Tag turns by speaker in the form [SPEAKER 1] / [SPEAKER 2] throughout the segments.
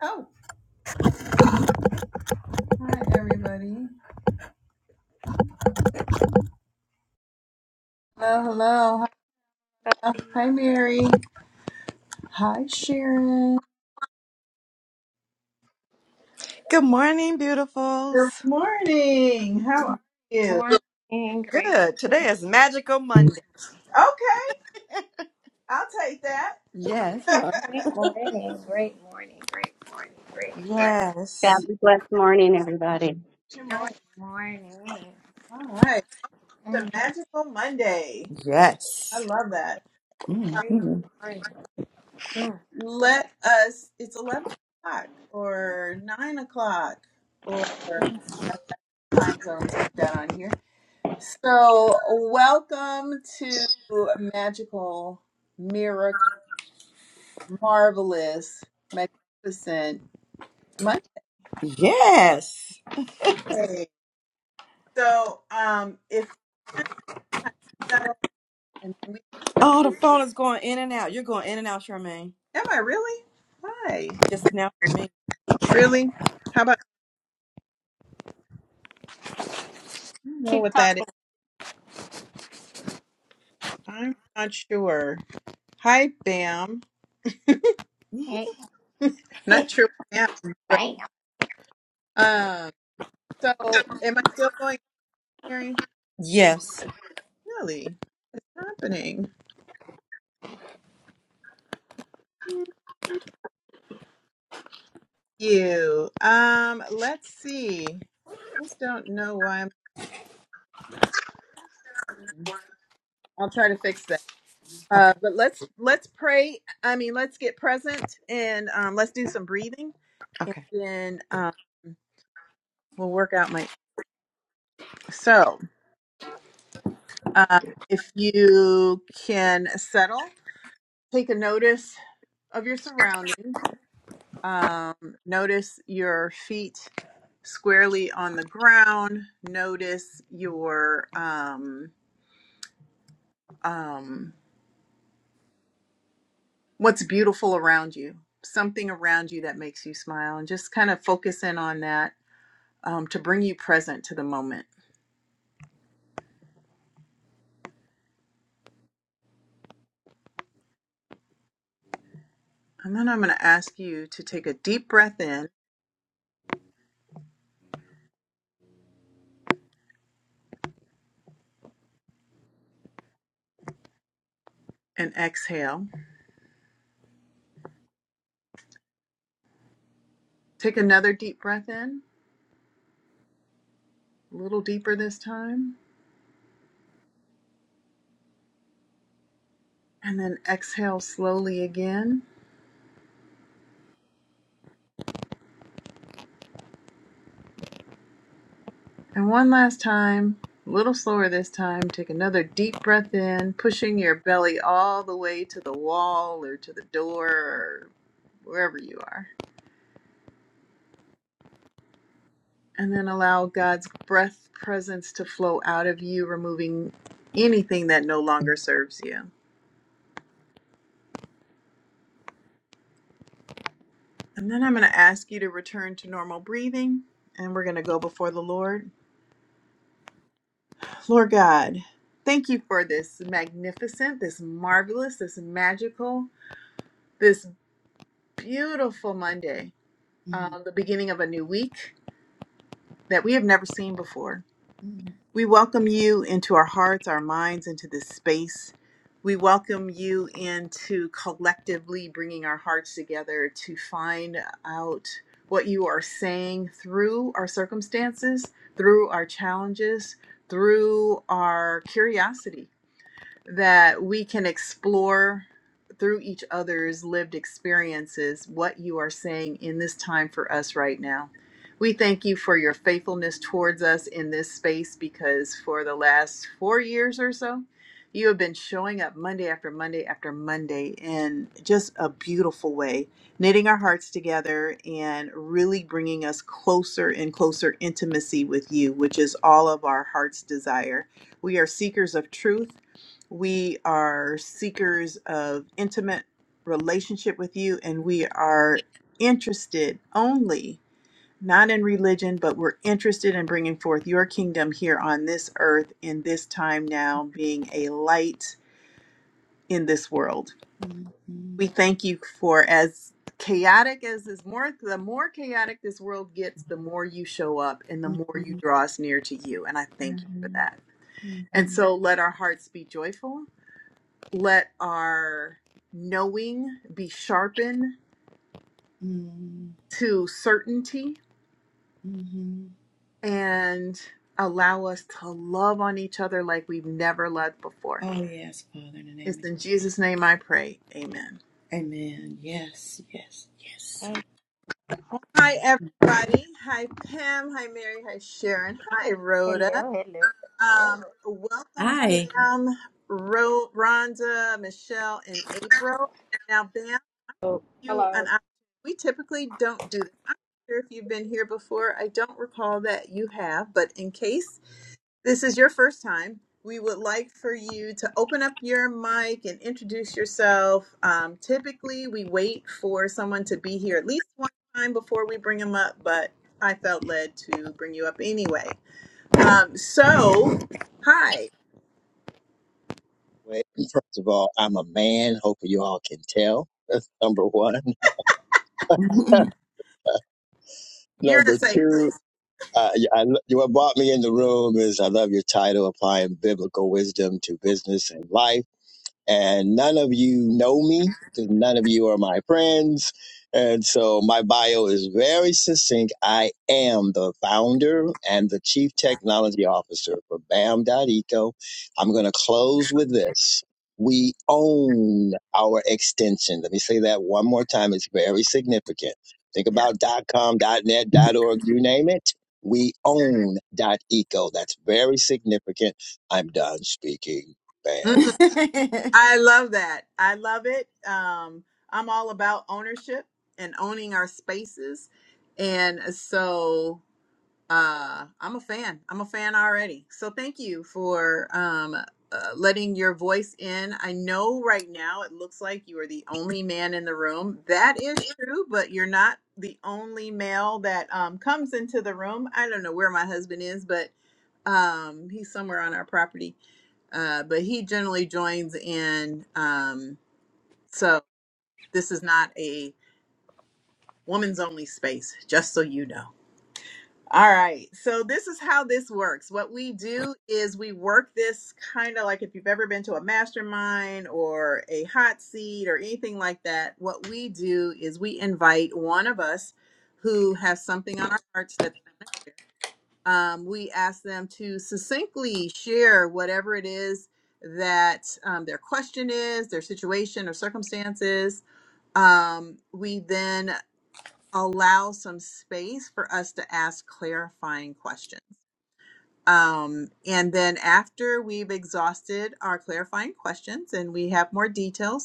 [SPEAKER 1] Oh, hi everybody. Hello, hello. Hi,
[SPEAKER 2] everybody.
[SPEAKER 1] hi, Mary. Hi, Sharon.
[SPEAKER 3] Good morning, beautifuls.
[SPEAKER 1] Good morning. How are you?
[SPEAKER 2] Morning, great,
[SPEAKER 3] Good. Today is Magical Monday.
[SPEAKER 1] Okay, I'll take that.
[SPEAKER 3] Yes.
[SPEAKER 1] Good
[SPEAKER 3] uh,
[SPEAKER 2] Great morning, great morning, great morning, great
[SPEAKER 4] God
[SPEAKER 3] Yes.
[SPEAKER 4] bless morning, everybody.
[SPEAKER 1] morning.
[SPEAKER 2] great morning.
[SPEAKER 1] All right. It's a
[SPEAKER 2] Mm,
[SPEAKER 1] magical Monday. I
[SPEAKER 3] Yes.
[SPEAKER 1] love that. Um,
[SPEAKER 2] great
[SPEAKER 3] mhm.
[SPEAKER 2] morning. mm,
[SPEAKER 1] let us, it's 11 o'clock or 9 o'clock or
[SPEAKER 2] mm.
[SPEAKER 1] time zones like that on here. So, welcome to Magical, Miracle, Marvelous, Magnificent
[SPEAKER 3] Yes.
[SPEAKER 1] Monday. So, um, if you settle and we
[SPEAKER 3] Oh, the phone is going in and out. You're going in and out, Charmaine.
[SPEAKER 1] am I really? Hi,
[SPEAKER 3] Just now for me.
[SPEAKER 1] really? How about I don't know
[SPEAKER 2] Keep
[SPEAKER 1] what that is?
[SPEAKER 2] talking.
[SPEAKER 1] I'm not sure. Hi, Bam.
[SPEAKER 2] Hey,
[SPEAKER 1] Not sure what Bam, is, but
[SPEAKER 2] Bam.
[SPEAKER 1] um, so am I still going, Mary?
[SPEAKER 3] Yes.
[SPEAKER 1] Really? What's happening? you. Um, let's see. I don't know why I'm I'll try to fix that.
[SPEAKER 3] Okay.
[SPEAKER 1] Uh, but let's let's pray. I mean, let's get present and um, let's do some breathing, and
[SPEAKER 3] Okay.
[SPEAKER 1] then um, we'll work out my. So, uh, if you can settle, take a notice of your surroundings. Um, notice your feet squarely on the ground. Notice your um, um, what's beautiful around you, something around you that makes you smile, and just kind of focus in on that um, to bring you present to the moment. And then I'm going to ask you to take a deep breath in and exhale. Take another deep breath in, a little deeper this time, and then exhale slowly again. And one last time, a little slower this time. Take another deep breath in, pushing your belly all the way to the wall or to the door or wherever you are. And then allow God's breath presence to flow out of you, removing anything that no longer serves you. And then I'm going to ask you to return to normal breathing and we're going to go before the Lord. Lord God, thank you for this magnificent, this marvelous, this magical, this beautiful Monday,
[SPEAKER 3] Oh,
[SPEAKER 1] uh, the beginning of a new week that we have never seen before. We welcome you into our hearts, our minds, into this space. We welcome you into collectively bringing our hearts together to find out what you are saying through our circumstances, through our challenges, through our curiosity that we can explore through each other's lived experiences what you are saying in this time for us right now. We thank you for your faithfulness towards us in this space because for the last four years or so, you have been showing up Monday after Monday after Monday in just a beautiful way, knitting our hearts together and really bringing us closer and closer intimacy with you, which is all of our heart's desire. We are seekers of truth we are seekers of intimate relationship with you, and we are interested only, not in religion, but we're interested in bringing forth your kingdom here on this earth in this time now, being a light in this world. We thank you for as chaotic as this more the more chaotic this world gets the more you show up and the more you draw us near to you and i thank you for that and so let our hearts be joyful let our knowing be sharpened to certainty and allow us to love on each other like we've never loved before.
[SPEAKER 3] yes, Father, in the
[SPEAKER 1] It's
[SPEAKER 3] name of Jesus.
[SPEAKER 1] in Jesus' name I pray. Amen.
[SPEAKER 3] Amen. Yes, yes, yes.
[SPEAKER 2] hey,
[SPEAKER 1] Hi, everybody. Hi, Pam. Hi, Mary. Hi, Sharon. Hi, Rhoda.
[SPEAKER 2] hello, hello, hello.
[SPEAKER 1] Um, welcome,
[SPEAKER 3] Hi.
[SPEAKER 1] Bam, Ro- Rhonda, Michelle, and April. Now, Bam.
[SPEAKER 5] Oh,
[SPEAKER 1] you an
[SPEAKER 5] hello.
[SPEAKER 1] option. We typically don't do this. I'm not sure if you've been here before. I don't recall that you have, but in case this is your first time, we would like for you to open up your mic and introduce yourself. Um, typically, we wait for someone to be here at least one time before we bring them up, but I felt led to bring you up anyway. Um, so, hi,
[SPEAKER 6] Well, first of all, I'm a man. Hopefully, you all can tell. That's number one.
[SPEAKER 1] you're in a
[SPEAKER 6] Number
[SPEAKER 1] safe
[SPEAKER 6] two,
[SPEAKER 1] place.
[SPEAKER 6] uh, yeah, lo- what brought me in the room is I love your title, Applying Biblical Wisdom to Business and Life. and none of you know me because none of you are my friends. And so my bio is very succinct. I am the founder and the chief technology officer for Bam Dot Eco. I'm going to close with this. We own our extension. Let me say that one more time. It's very significant. Think
[SPEAKER 1] Yeah.
[SPEAKER 6] about .com, .net, .org, you name it. We own .eco. That's very significant. I'm done speaking. Bam.
[SPEAKER 1] I love that. I love it. Um, I'm all about ownership and owning our spaces. And so uh, I'm a fan. I'm a fan already. So thank you for um, uh, letting your voice in. I know right now it looks like you are the only man in the room. That is true, but you're not the only male that um, comes into the room. I don't know where my husband is, but um, he's somewhere on our property uh, but he generally joins in. Um, so this is not a woman's only space, just so you know. All right. So this is how this works. What we do is we work this kind of like if you've ever been to a mastermind or a hot seat or anything like that. What we do is we invite one of us who has something on our hearts that they want to share um, we ask them to succinctly share whatever it is that um, their question is, their situation or circumstances. Um, we then allow some space for us to ask clarifying questions. Um, and then after we've exhausted our clarifying questions and we have more details,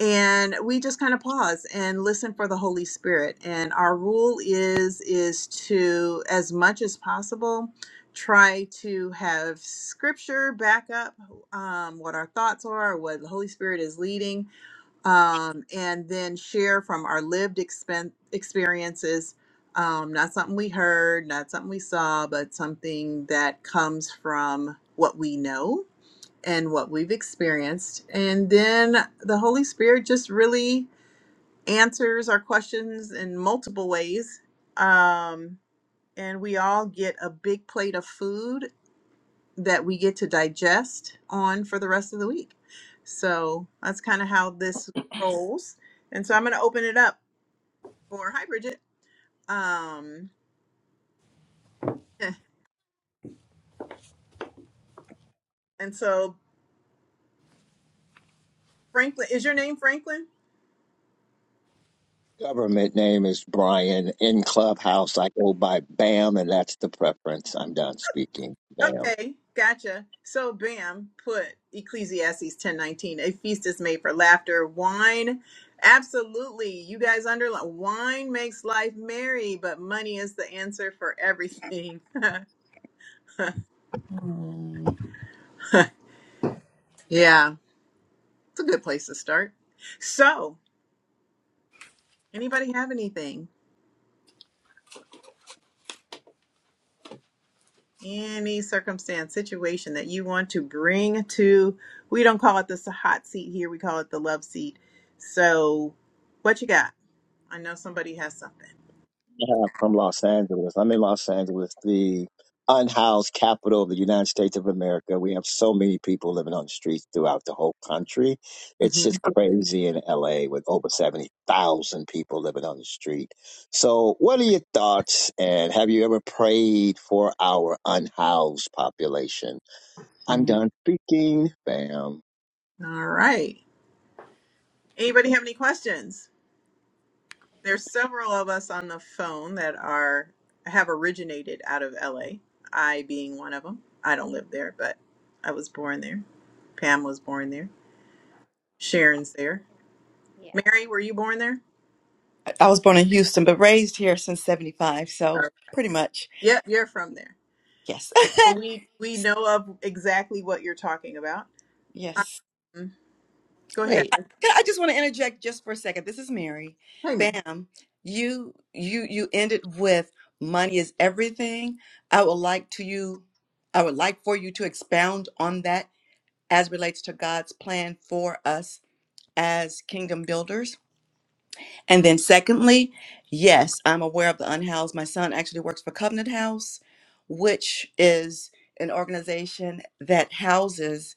[SPEAKER 1] and we just kind of pause and listen for the holy spirit and our rule is is to as much as possible try to have scripture back up um, what our thoughts are what the holy spirit is leading um, and then share from our lived expen- experiences um, not something we heard not something we saw but something that comes from what we know and what we've experienced. And then the Holy Spirit just really answers our questions in multiple ways. Um, and we all get a big plate of food that we get to digest on for the rest of the week. So that's kind of how this rolls. And so I'm going to open it up for, hi, Bridget. Um, and so, Franklin, is your name Franklin?
[SPEAKER 6] Government name is Brian. In Clubhouse, I go by Bam, and that's the preference. I'm done speaking. Bam.
[SPEAKER 1] Okay, gotcha. So Bam put Ecclesiastes 10:19, a feast is made for laughter, wine. Absolutely. You guys underline wine makes life merry, but money is the answer for everything.
[SPEAKER 3] Mm,
[SPEAKER 1] yeah, it's a good place to start. So, anybody have anything? Any circumstance, situation that you want to bring to, we don't call it the s- hot seat here, we call it the love seat. So, what you got? I know somebody has something.
[SPEAKER 6] Yeah, from Los Angeles. I'm in Los Angeles, the unhoused capital of the United States of America. We have so many people living on the streets throughout the whole country. It's just
[SPEAKER 1] Mhm.
[SPEAKER 6] crazy in LA with over 70,000 people living on the street. So, what are your thoughts? And have you ever prayed for our unhoused population? I'm
[SPEAKER 3] mm.
[SPEAKER 6] done speaking. Bam.
[SPEAKER 1] All right. Anybody have any questions? There's several of us on the phone that are have originated out of LA. I being one of them. I don't live there, but I was born there. Pam was born there. Sharon's there.
[SPEAKER 2] Yeah,
[SPEAKER 1] Mary, were you born there?
[SPEAKER 3] I I was born in Houston, but raised here since 75. So
[SPEAKER 1] Uh,
[SPEAKER 3] pretty much,
[SPEAKER 1] yep, you're from there.
[SPEAKER 3] yes.
[SPEAKER 1] So we we know of exactly what you're talking about.
[SPEAKER 2] Yeah.
[SPEAKER 3] yes.
[SPEAKER 1] Um, go ahead.
[SPEAKER 7] Wait,
[SPEAKER 3] Can- I just want to interject just for a second. This is Mary.
[SPEAKER 1] Hey, Mary.
[SPEAKER 3] Bam. You you you ended with money is everything. I would like to you I would like for you to expound on that as relates to God's plan for us as kingdom builders. And then, secondly, yes, I'm aware of the unhoused. My son actually works for Covenant House, which is an organization that houses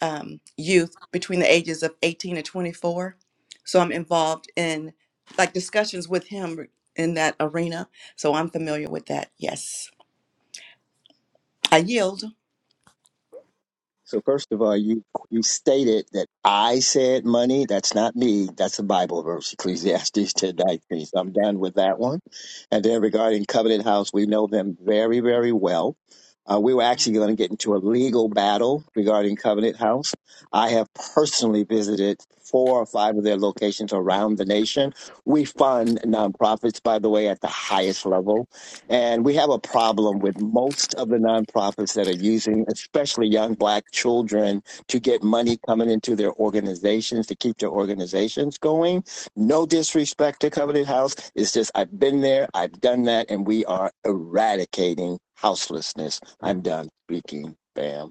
[SPEAKER 3] um, youth between the ages of 18 and 24. So I'm involved in like discussions with him in that arena. So I'm familiar with that. Yes, I yield.
[SPEAKER 6] So first of all, you you stated that I said money. That's not me. That's a Bible verse, Ecclesiastes ten nineteen. So I'm done with that one. And then regarding Covenant House, we know them very very well. Uh, we were actually going to get into a legal battle regarding Covenant House. I have personally visited four or five of their locations around the nation. We fund nonprofits, by the way, at the highest level. And we have a problem with most of the nonprofits that are using, especially young black children, to get money coming into their organizations to keep their organizations going. No disrespect to Covenant House. It's just, I've been there, I've done that, and we are eradicating houselessness. I'm done speaking. Bam.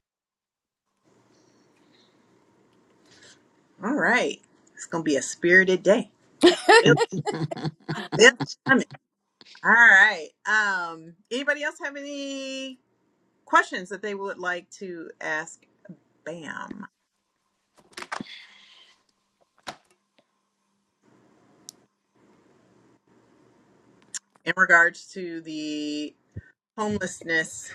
[SPEAKER 1] All right. It's gonna be a spirited day. Yep. Yep.
[SPEAKER 2] Mhm.
[SPEAKER 1] All right. Um, anybody else have any questions that they would like to ask Bam in regards to the homelessness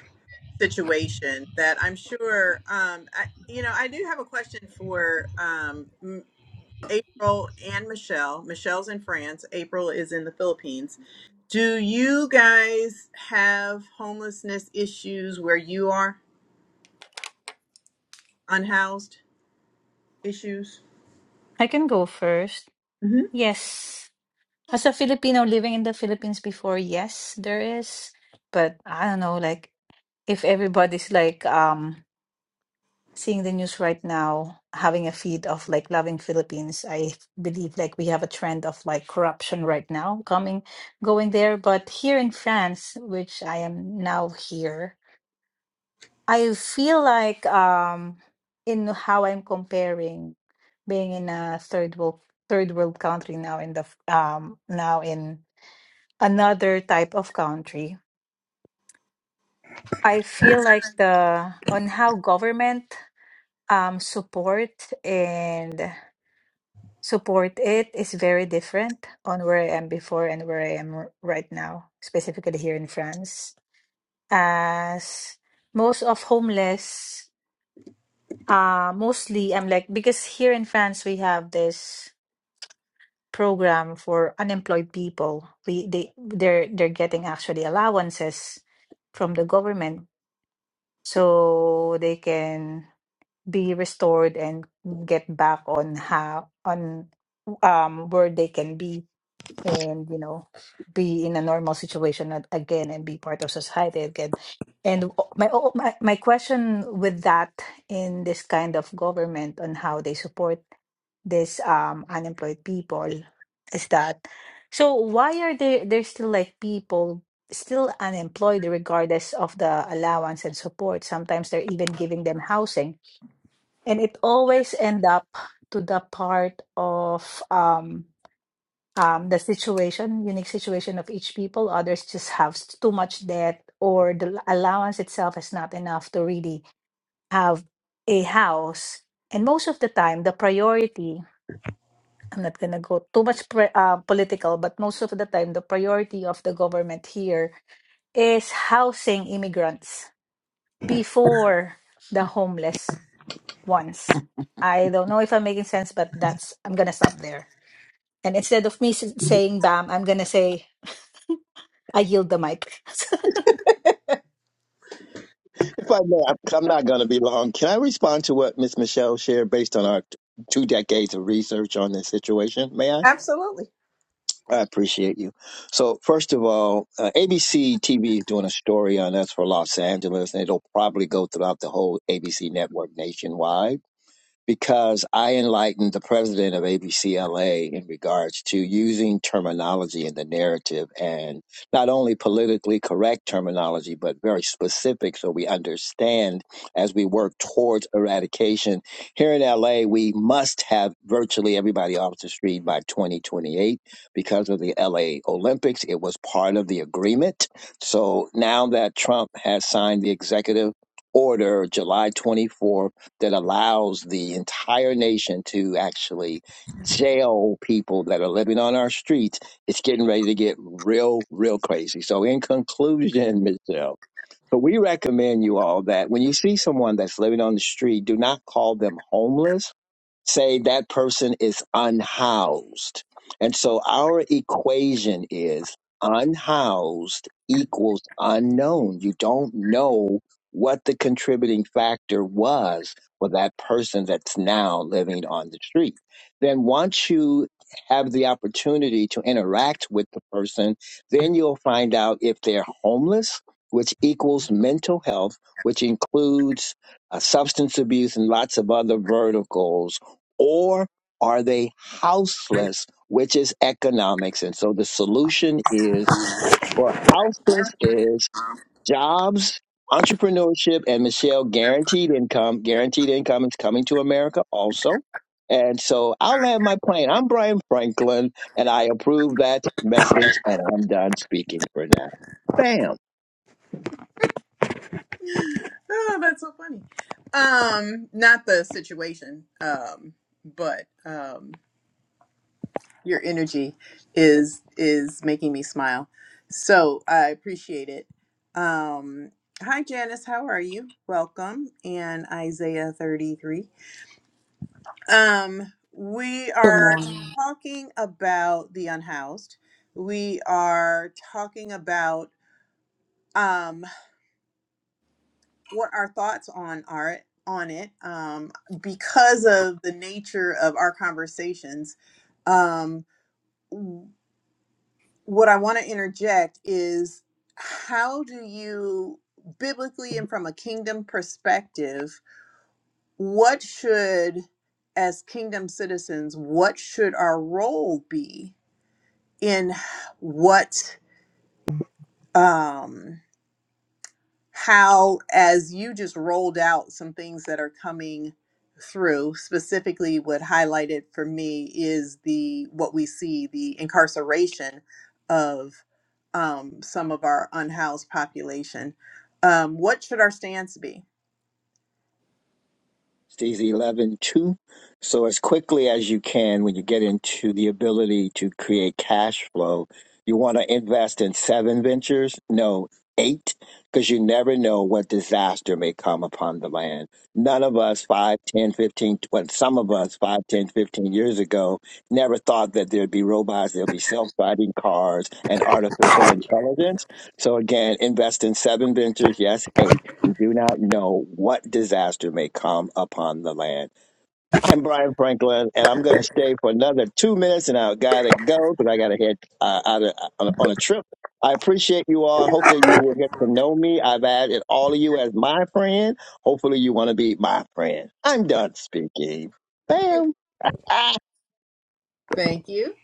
[SPEAKER 1] situation? That I'm sure, um, I, you know, I do have a question for um, M- April and Michelle. Michelle's in France. April is in the Philippines. Do you guys have homelessness issues where you are unhoused issues?
[SPEAKER 8] I can go first.
[SPEAKER 1] hmm
[SPEAKER 8] Yes. As a Filipino living in the Philippines before, yes, there is. But I don't know, like if everybody's like um seeing the news right now, having a feed of like loving Philippines, I believe like we have a trend of like corruption right now coming going there. But here in France, which I am now here, I feel like um in how I'm comparing being in a third world third world country now in the f- um now in another type of country. I feel like the on how government um support and support it is very different on where I am before and where I am r- right now, specifically here in France. As most of homeless Uh, mostly I'm like because here in France we have this program for unemployed people. We they they're they're getting actually allowances from the government so they can be restored and get back on how on um where they can be and you know be in a normal situation a- again and be part of society again and o- my o- my my question with that in this kind of government on how they support this um unemployed people is that so why are there there's still like people still unemployed regardless of the allowance and support sometimes they're even giving them housing and it always end up to the part of um um, the situation, unique situation of each people. Others just have s- too much debt, or the l- allowance itself is not enough to really have a house. And most of the time, the priority, I'm not going to go too much pre- uh, political, but most of the time, the priority of the government here is housing immigrants before the homeless ones. I don't know if I'm making sense, but that's, I'm going to stop there. And instead of me s- saying, bam, I'm going to say, I yield the mic.
[SPEAKER 6] If I may, I'm not going to be long. Can I respond to what Miss Michelle shared based on our two decades of research on this situation? May I?
[SPEAKER 1] Absolutely.
[SPEAKER 6] I appreciate you. So, first of all, uh, ABC TV is doing a story on us for Los Angeles, and it'll probably go throughout the whole ABC network nationwide because I enlightened the president of ABCLA in regards to using terminology in the narrative and not only politically correct terminology, but very specific so we understand as we work towards eradication. Here in LA, we must have virtually everybody off the street by 2028 because of the LA Olympics. It was part of the agreement. So now that Trump has signed the executive order July 24 that allows the entire nation to actually jail people that are living on our streets, it's getting ready to get real, real crazy. So, in conclusion, Michelle, so we recommend you all that when you see someone that's living on the street, do not call them homeless say that person is unhoused. And so our equation is unhoused equals unknown. You don't know what the contributing factor was for that person that's now living on the street. Then once you have the opportunity to interact with the person, then you'll find out if they're homeless, which equals mental health, which includes uh, substance abuse and lots of other verticals or are they houseless, which is economics? And so the solution is, or houseless is jobs, entrepreneurship, and Michelle, guaranteed income. Guaranteed income is coming to America also. And so I'll land my plane. I'm Brian Franklin, and I approve that message, and I'm done speaking for now. Bam.
[SPEAKER 1] oh, that's so funny. Um, not the situation, um, but um, your energy is is making me smile. So I appreciate it. Um, hi, Janice. How are you? Welcome. And Isaiah thirty three. Um, we
[SPEAKER 9] Good
[SPEAKER 1] are
[SPEAKER 9] morning.
[SPEAKER 1] talking about the unhoused. We are talking about um, what our thoughts on art on it um, because of the nature of our conversations um, w- what i want to interject is how do you biblically and from a kingdom perspective what should as kingdom citizens what should our role be in what um, how, as you just rolled out some things that are coming through, specifically what highlighted for me is the what we see the incarceration of um, some of our unhoused population. Um, what should our stance be?
[SPEAKER 6] Stacy 11 2. So, as quickly as you can, when you get into the ability to create cash flow, you want to invest in seven ventures, no, eight, because you never know what disaster may come upon the land. None of us, five, ten, fifteen. 10, well, some of us, 5, 10, 15 years ago, never thought that there'd be robots, there'd be self driving cars, and artificial intelligence. So, again, invest in seven ventures, yes, eight do not know what disaster may come upon the land. I'm Brian Franklin, and I'm going to stay for another two minutes, and I got to go because I got to head uh, out of, uh, on, on a trip. I appreciate you all. Hopefully, you will get to know me. I've added all of you as my friend. Hopefully, you want to be my friend. I'm done speaking. Bam. Ah.
[SPEAKER 1] Thank you.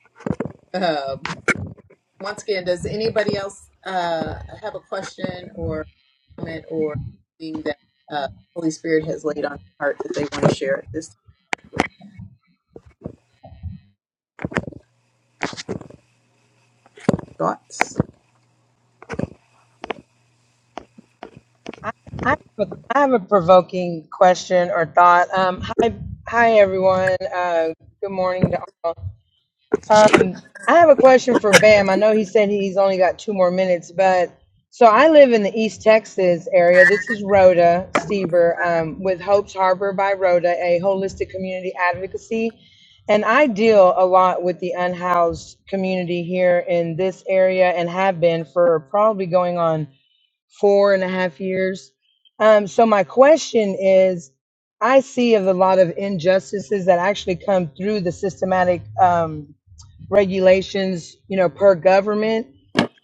[SPEAKER 1] Um, once again, does anybody else uh, have a question or comment or thing that uh, Holy Spirit has laid on your heart that they want to share at this time? Thoughts?
[SPEAKER 10] I, I, have a, I have a provoking question or thought. Um, hi, hi everyone. Uh, good morning to all. Um, I have a question for Bam. I know he said he's only got two more minutes, but so I live in the East Texas area. This is Rhoda Stieber um, with Hope's Harbor by Rhoda, a holistic community advocacy. And I deal a lot with the unhoused community here in this area and have been for probably going on four and a half years. Um, so my question is, I see of a lot of injustices that actually come through the systematic um, regulations, you know, per government.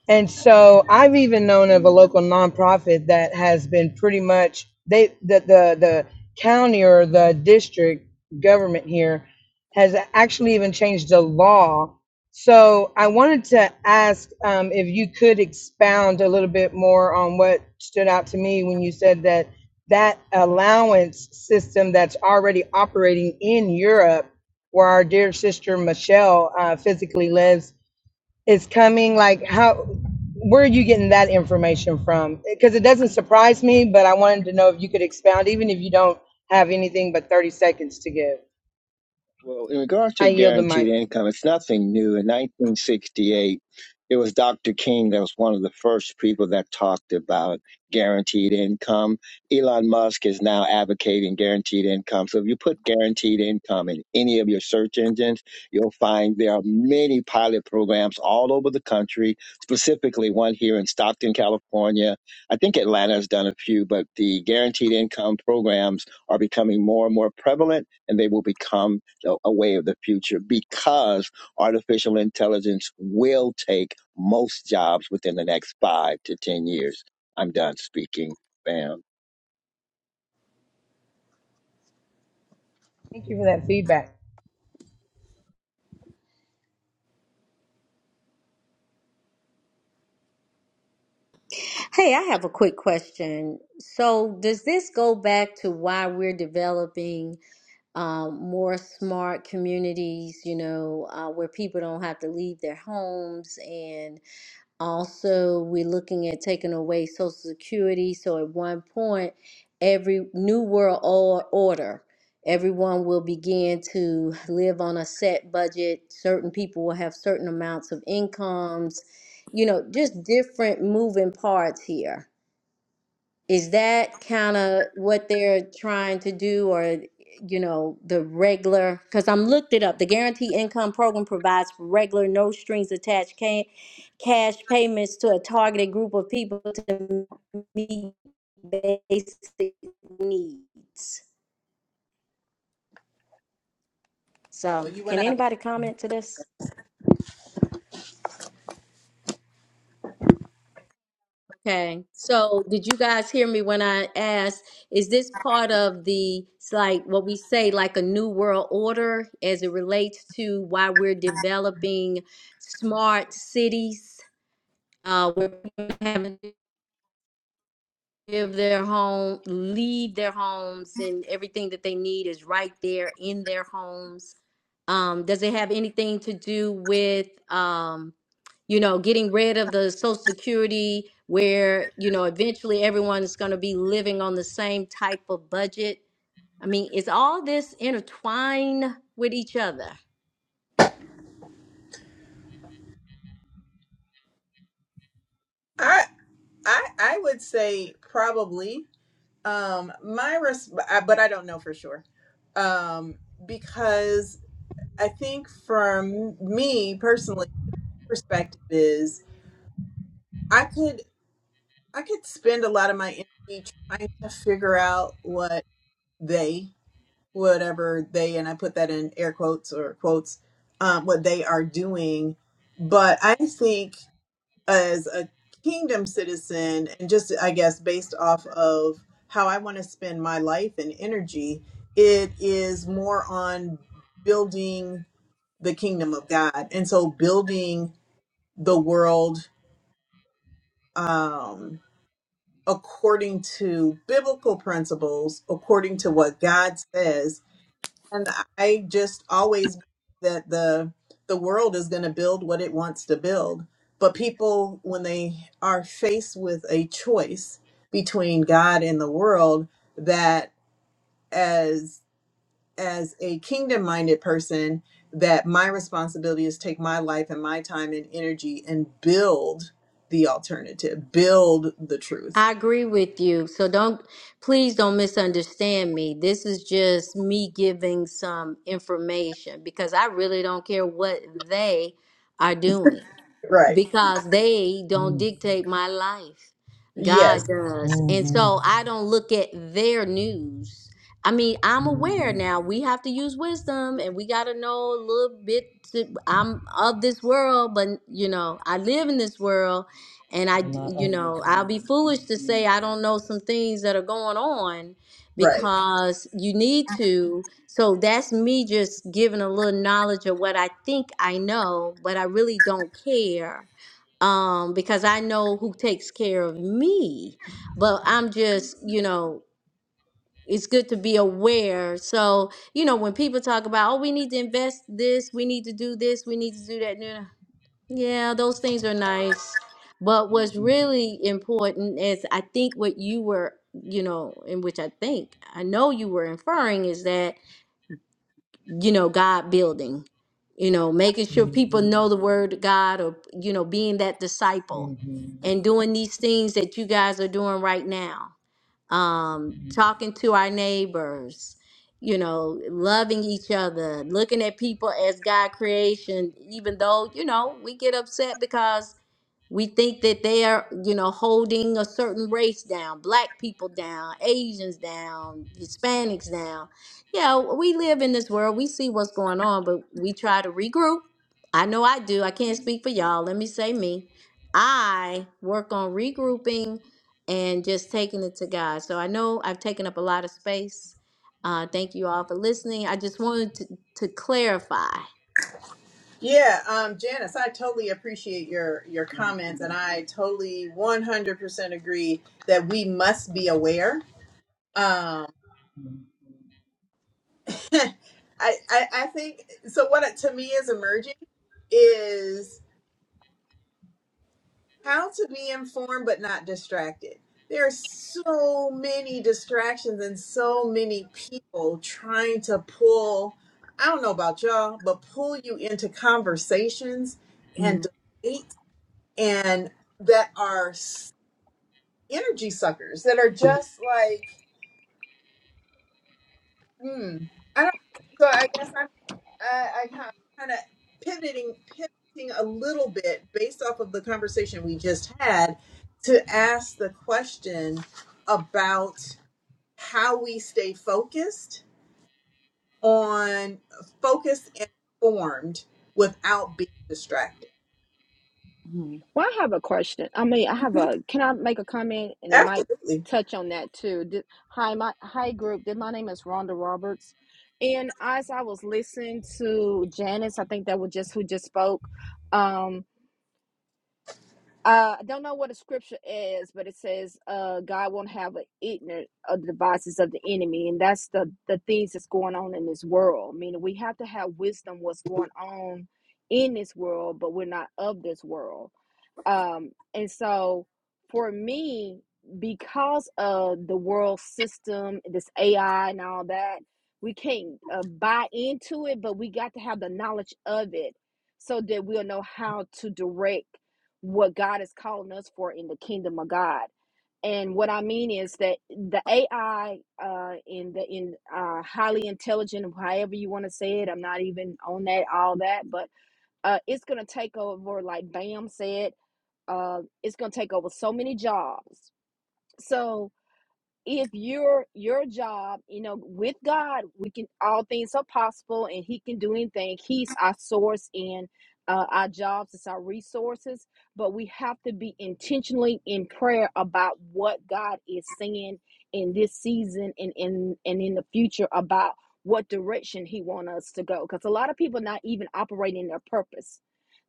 [SPEAKER 10] And so I've even known of a local nonprofit that has been pretty much they the the, the county or the district government here has actually even changed the law. So I wanted to ask um, if you could expound a little bit more on what stood out to me when you said that that allowance system that's already operating in Europe, where our dear sister Michelle uh, physically lives is coming like how where are you getting that information from because it doesn't surprise me but i wanted to know if you could expound even if you don't have anything but 30 seconds to give
[SPEAKER 6] Well, in regard to
[SPEAKER 10] i yield the
[SPEAKER 6] guaranteed
[SPEAKER 10] mic
[SPEAKER 6] income, it's nothing new. In 1968, it was Dr. King that was one of the first people that talked about guaranteed income. Elon Musk is now advocating guaranteed income. So if you put guaranteed income in any of your search engines, you'll find there are many pilot programs all over the country, specifically one here in Stockton, California. I think Atlanta has done a few, but the guaranteed income programs are becoming more and more prevalent and they will become a a way of the future because artificial intelligence will take most jobs within the next five to 10 years. I'm done speaking, Bam.
[SPEAKER 10] thank you for that feedback
[SPEAKER 9] Hey, I have a quick question. So, does this go back to why we're developing um, more smart communities, you know, uh, where people don't have to leave their homes and Also, we're looking at taking away Social Security. So at one point, every new world or- order, everyone will begin to live on a set budget. Certain people will have certain amounts of incomes. You know, just different moving parts here is that kind of what they're trying to do, or you know, the regular? Because I'm looked it up. The Guaranteed Income Program provides for regular, no strings attached ca- cash payments to a targeted group of people to meet basic needs.
[SPEAKER 1] Uh-oh,
[SPEAKER 9] So,
[SPEAKER 1] you went
[SPEAKER 9] can
[SPEAKER 1] out.
[SPEAKER 9] anybody comment to this? Okay, so did you guys hear me when I asked, is this part of the, it's like what we say, like a new world order as it relates to why we're developing smart cities? Uh, we're having give their home, leave their homes, and everything that they need is right there in their homes. Um, does it have anything to do with, um, you know, getting rid of the Social Security, where you know eventually everyone's going to be living on the same type of budget? I mean, is all this intertwined with each other?
[SPEAKER 1] I I I would say probably. Um my res- I- but I don't know for sure. Um because I think from me personally perspective is I could I could spend a lot of my energy trying to figure out what they whatever they and I put that in air quotes or quotes um what they are doing but I think as a kingdom citizen and just i guess based off of how i want to spend my life and energy it is more on building the kingdom of god and so building the world um according to biblical principles according to what god says And I just always believe that the the world is going to build what it wants to build. But people, when they are faced with a choice between God and the world, that as as a kingdom minded person, that my responsibility is take my life and my time and energy and build the alternative, build the truth.
[SPEAKER 9] I agree with you. So don't, please don't misunderstand me. This is just me giving some information because I really don't care what they are doing
[SPEAKER 1] Right.
[SPEAKER 9] because they don't
[SPEAKER 10] Mm,
[SPEAKER 9] dictate my life.
[SPEAKER 1] Yes.
[SPEAKER 9] God does. And
[SPEAKER 10] mhm,
[SPEAKER 9] so I don't look at their news. I mean, I'm aware
[SPEAKER 10] mhm.
[SPEAKER 9] now we have to use wisdom and we got to know a little bit. To, I'm of this world, but you know, I live in this world and I,
[SPEAKER 10] And I
[SPEAKER 9] you
[SPEAKER 10] of
[SPEAKER 9] know,
[SPEAKER 10] this
[SPEAKER 9] I'll
[SPEAKER 10] one.
[SPEAKER 9] be foolish to say I don't know some things that are going on
[SPEAKER 1] Right.
[SPEAKER 9] because you need to. So that's me just giving a little knowledge of what I think I know, but I really don't care um, because I know who takes care of me. But I'm just, you know, it's good to be aware. So, you know, when people talk about, oh, we need to invest this, we need to do this, we need to do that. nah, Yeah, those things are nice. But what's really important is I think what you were, you know, in which I think I know you were inferring is that you know, God building, you know, making sure people know the word of God or, you know, being that disciple and doing these things that you guys are doing right now. Um, talking to our neighbors, you know, loving each other, looking at people as God creation, even though, you know, we get upset because we think that they are, you know, holding a certain race down, black people down, Asians down, Hispanics down. Yeah, we live in this world. We see what's going on, but we try to regroup. I know I do. I can't speak for y'all. Let me say me. I work on regrouping and just taking it to God. So I know I've taken up a lot of space. Uh, thank you all for listening. I just wanted to, to clarify.
[SPEAKER 1] Yeah, um, Janice, I totally appreciate your your comments, and I totally one hundred percent agree that we must be aware. Um, I, I I think so. What it, to me is emerging is how to be informed but not distracted. There are so many distractions and so many people trying to pull. I don't know about y'all, but pull you into conversations and
[SPEAKER 3] Mm,
[SPEAKER 1] debates and that are energy suckers that are just like, hmm, I don't. So I guess I'm, I, I kind of pivoting, pivoting a little bit based off of the conversation we just had to ask the question about how we stay focused on focused and informed without being distracted.
[SPEAKER 3] mm, mm,
[SPEAKER 5] Well, I have a question. I mean, I have a. Can I make a comment? And it might
[SPEAKER 1] Absolutely.
[SPEAKER 5] touch on that too. Did, hi, my hi group. Did my name is Rhonda Roberts, and as I was listening to Janice, I think that was just who just spoke. Um, Uh, I don't know what the scripture is, but it says, "Uh, God won't have an ignorant of the devices of the enemy," and that's the the things that's going on in this world. Meaning, we have to have wisdom what's going on in this world, but we're not of this world. Um, and so, for me, because of the world system, this AI and all that, we can't uh, buy into it, but we got to have the knowledge of it so that we'll know how to direct what God is calling us for in the kingdom of God. And what I mean is that the AI uh, in the in uh, highly intelligent, however you want to say it, I'm not even on that all that, but uh, it's gonna take over. Like Bam said, uh, it's gonna take over so many jobs. So if your your job you know with god we can all things are possible and he can do anything he's our source and uh, our jobs is our resources but we have to be intentionally in prayer about what god is saying in this season and in and in the future about what direction he wants us to go because a lot of people not even operating their purpose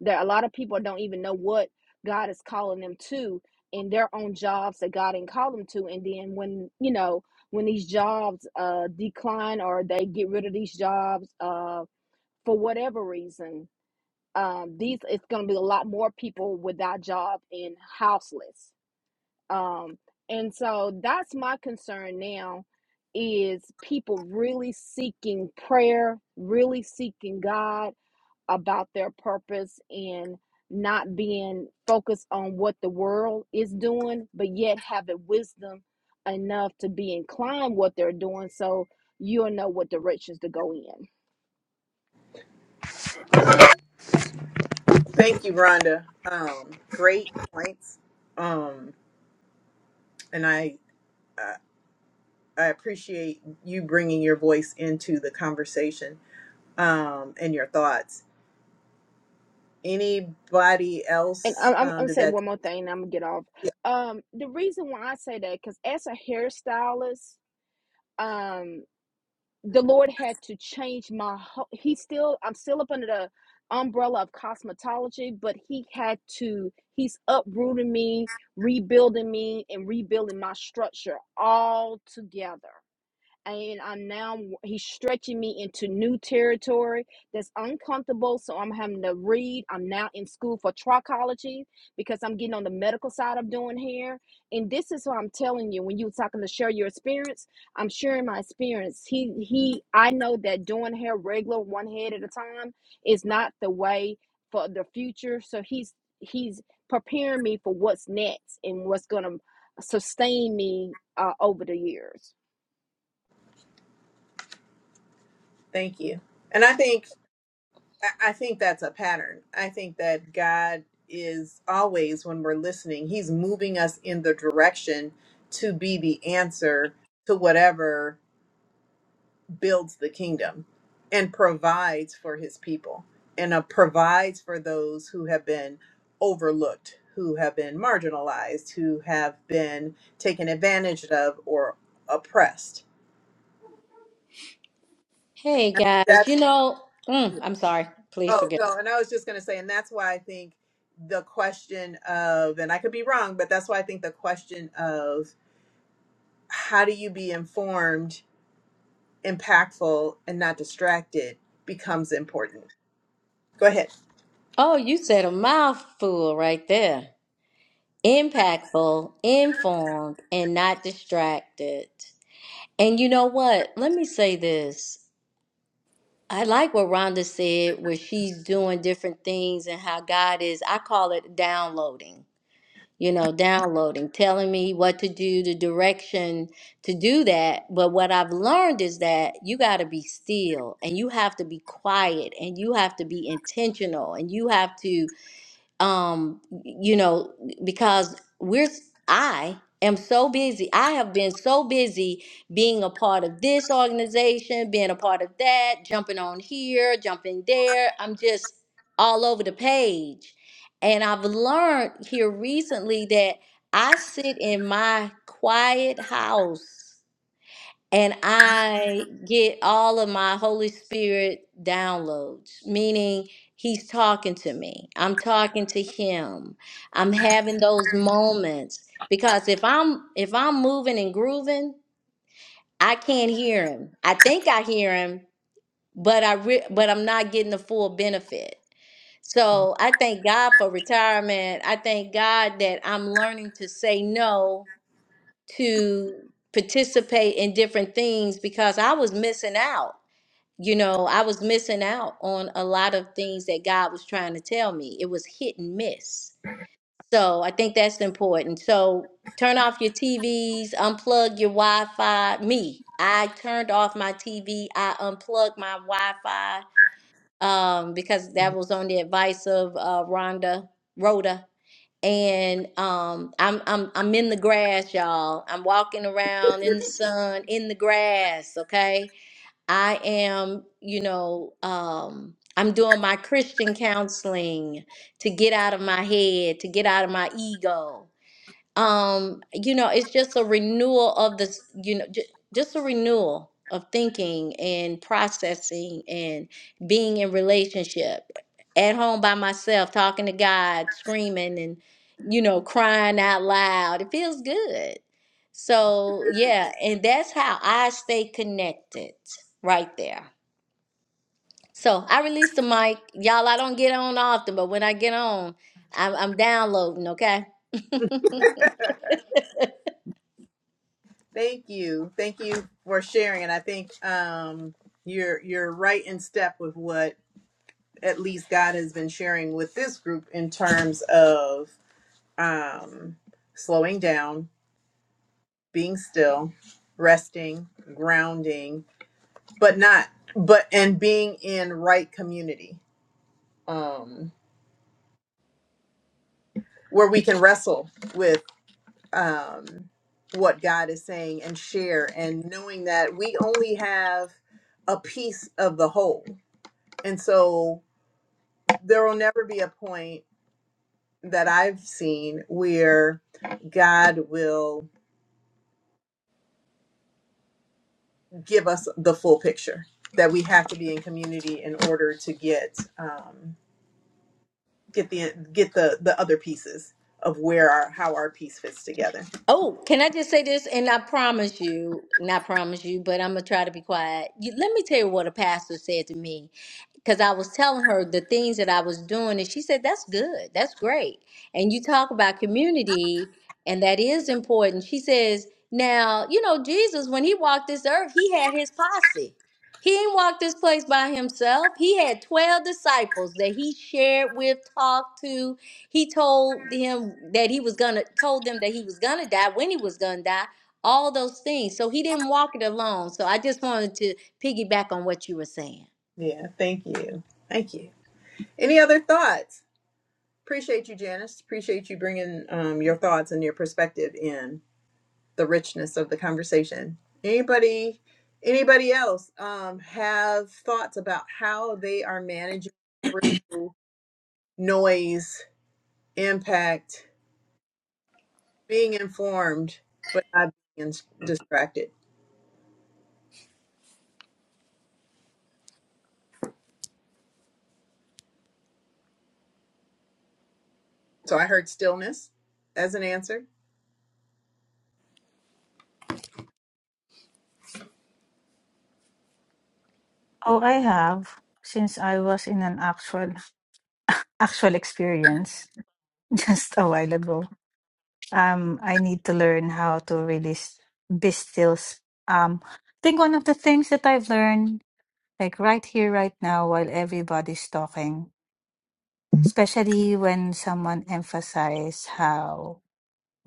[SPEAKER 5] there a lot of people don't even know what god is calling them to in their own jobs that God didn't call them to. And then when, you know, when these jobs uh, decline or they get rid of these jobs uh, for whatever reason, um, these it's going to be a lot more people without job and houseless. Um, and so that's my concern now is people really seeking prayer, really seeking God about their purpose and not being focused on what the world is doing, but yet having wisdom enough to be inclined what they're doing so you'll know what directions to go in.
[SPEAKER 1] Thank you, Rhonda. Um, great points. Um, and I. uh, I appreciate you bringing your voice into the conversation um, and your thoughts. Anybody
[SPEAKER 5] And
[SPEAKER 1] else
[SPEAKER 5] I'm, I'm,
[SPEAKER 1] um,
[SPEAKER 5] gonna
[SPEAKER 1] did
[SPEAKER 5] say
[SPEAKER 1] that?
[SPEAKER 5] one more thing, and I'm gonna get off.
[SPEAKER 1] Yeah,
[SPEAKER 5] Um, the reason why I say that, because as a hairstylist, um, the Lord had to change my whole he still I'm still up under the umbrella of cosmetology, but he had to he's uprooting me, rebuilding me, and rebuilding my structure all together and I'm now he's stretching me into new territory that's uncomfortable. So I'm having to read. I'm now in school for trichology because I'm getting on the medical side of doing hair. And this is what I'm telling you when you were talking to share your experience. I'm sharing my experience. He he I know that doing hair regular one head at a time is not the way for the future. So he's he's preparing me for what's next and what's gonna sustain me uh, over the years.
[SPEAKER 1] thank you. And I think I I think that's a pattern. I think that God is always when we're listening, He's moving us in the direction to be the answer to whatever. builds the kingdom and provides for his people and uh, provides for those who have been overlooked, who have been marginalized, who have been taken advantage of or oppressed.
[SPEAKER 9] Hey
[SPEAKER 1] And
[SPEAKER 9] guys, you
[SPEAKER 1] That's
[SPEAKER 9] know, mm, I'm sorry. Please
[SPEAKER 1] Oh,
[SPEAKER 9] forgive.
[SPEAKER 1] no, and I was just going to say, and that's why I think the question of, and I could be wrong, but that's why I think the question of how do you be informed, impactful, and not distracted becomes important. Go ahead.
[SPEAKER 9] Oh, you said a mouthful right there. Impactful, informed, and not distracted. And you know what? Let me say this. I like what Rhonda said, where she's doing different things and how God is, I call it downloading, you know, downloading, telling me what to do, the direction to do that. But what I've learned is that you got to be still and you have to be quiet and you have to be intentional and you have to um you know because we're i am so busy i have been so busy being a part of this organization being a part of that jumping on here jumping there i'm just all over the page and i've learned here recently that i sit in my quiet house and I get all of my Holy Spirit downloads, meaning He's talking to me. I'm talking to Him. I'm having those moments because if I'm if I'm moving and grooving, I can't hear Him. I think I hear Him, but I re- but I'm not getting the full benefit. So I thank God for retirement. I thank God that I'm learning to say no to participate in different things because I was missing out. You know, I was missing out on a lot of things that God was trying to tell me. It was hit and miss. So I think that's important. So turn off your TVs, unplug your Wi Fi. Me, I turned off my TV, I unplugged my Wi Fi um, because that was on the advice of uh, Rhonda, Rhoda and um I'm I'm I'm in the grass, y'all. I'm walking around in the sun, in the grass, okay? I am, you know, um I'm doing my Christian counseling to get out of my head, to get out of my ego um you know it's just a renewal of this you know j- just a renewal of thinking and processing and being in relationship at home by myself talking to god screaming and you know crying out loud it feels good so yeah and that's how i stay connected right there so i release the mic y'all i don't get on often but when i get on i'm, I'm downloading okay
[SPEAKER 1] Thank you. Thank you for sharing. And I think um, you're you're right in step with what at least God has been sharing with this group in terms of um, slowing down, being still, resting, grounding, but not but and being in right community um, where we can wrestle with um, what God is saying and share and knowing that we only have a piece of the whole And so there will never be a point that I've seen where God will give us the full picture that we have to be in community in order to get um, get the get the the other pieces of where our how our piece fits together.
[SPEAKER 9] Oh, can I just say this? And I promise you, not promise you, but I'm gonna try to be quiet. You, let me tell you what a pastor said to me because I was telling her the things that I was doing, and she said, That's good. That's great. And you talk about community, and that is important. She says, Now, you know, Jesus, when he walked this earth, he had his posse. He didn't walk this place by himself. He had 12 disciples that he shared with, talked to. He told him that he was gonna told them that he was gonna die, when he was gonna die, all those things. So he didn't walk it alone. So I just wanted to piggyback on what you were saying.
[SPEAKER 1] Yeah, thank you, thank you. Any other thoughts? Appreciate you, Janice. Appreciate you bringing um, your thoughts and your perspective in. the richness of the conversation. Anybody anybody else um have thoughts about how they are managing through noise, impact, being informed but not being distracted. So I heard stillness as an answer.
[SPEAKER 8] Oh, I have since I was in an actual actual experience just a while ago. Um, I need to learn how to really s- be still. s- Um, I think one of the things that I've learned, like right here, right now, while everybody's talking, especially when someone emphasizes how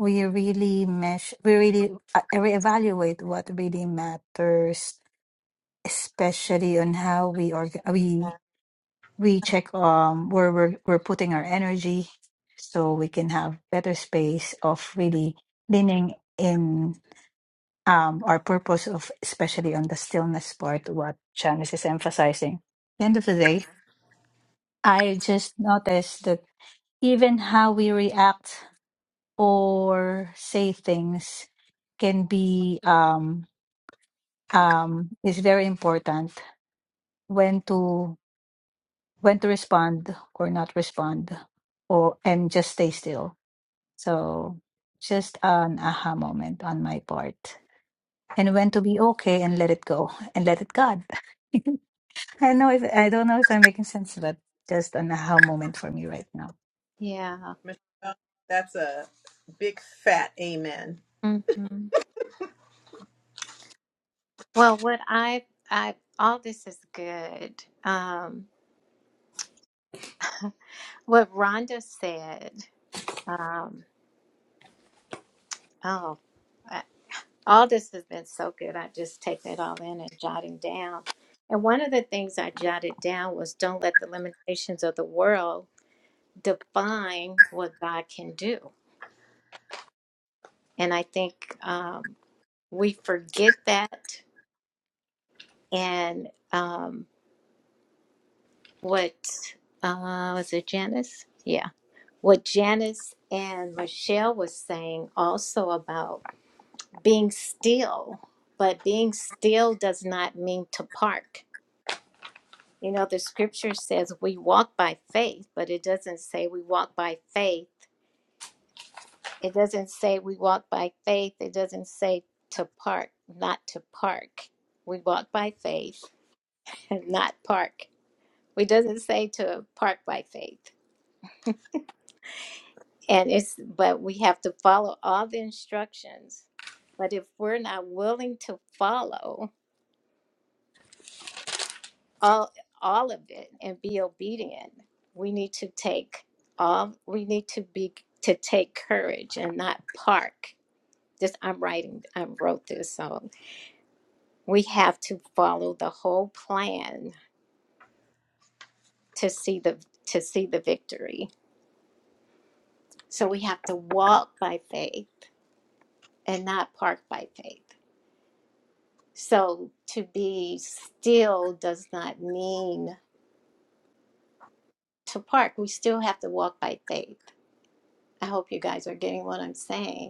[SPEAKER 8] we really mesh, we really uh, reevaluate what really matters especially on how we org we we check um where we're we're putting our energy so we can have better space of really leaning in um our purpose of especially on the stillness part what Janice is emphasizing. End of the day, I just noticed that even how we react or say things can be um um is very important when to when to respond or not respond or and just stay still so just an aha moment on my part and when to be okay and let it go and let it god i know if i don't know if i'm making sense but just an aha moment for me right now
[SPEAKER 2] yeah.
[SPEAKER 1] Michelle, that's a big fat amen.
[SPEAKER 2] hmm Well, what I, I, all this is good. Um, what Rhonda said. Um, oh. All this has been so good. I just take it all in and jotting down. And one of the things I jotted down was don't let the limitations of the world define what God can do. And I think um, we forget that. And um, what uh, was it, Janice? Yeah. What Janice and Michelle was saying also about being still, but being still does not mean to park You know, the scripture says we walk by faith, but it doesn't say we walk by faith. It doesn't say we walk by faith. It doesn't say to park, not to park. We walk by faith, and not park. It doesn't say to park by faith. And it's, but we have to follow all the instructions. But if we're not willing to follow, all all of it and be obedient we need to take all we need to be to take courage and not park this i'm writing i wrote this so we have to follow the whole plan to see the to see the victory so we have to walk by faith and not park by faith so to be still does not mean to park we still have to walk by faith i hope you guys are getting what i'm saying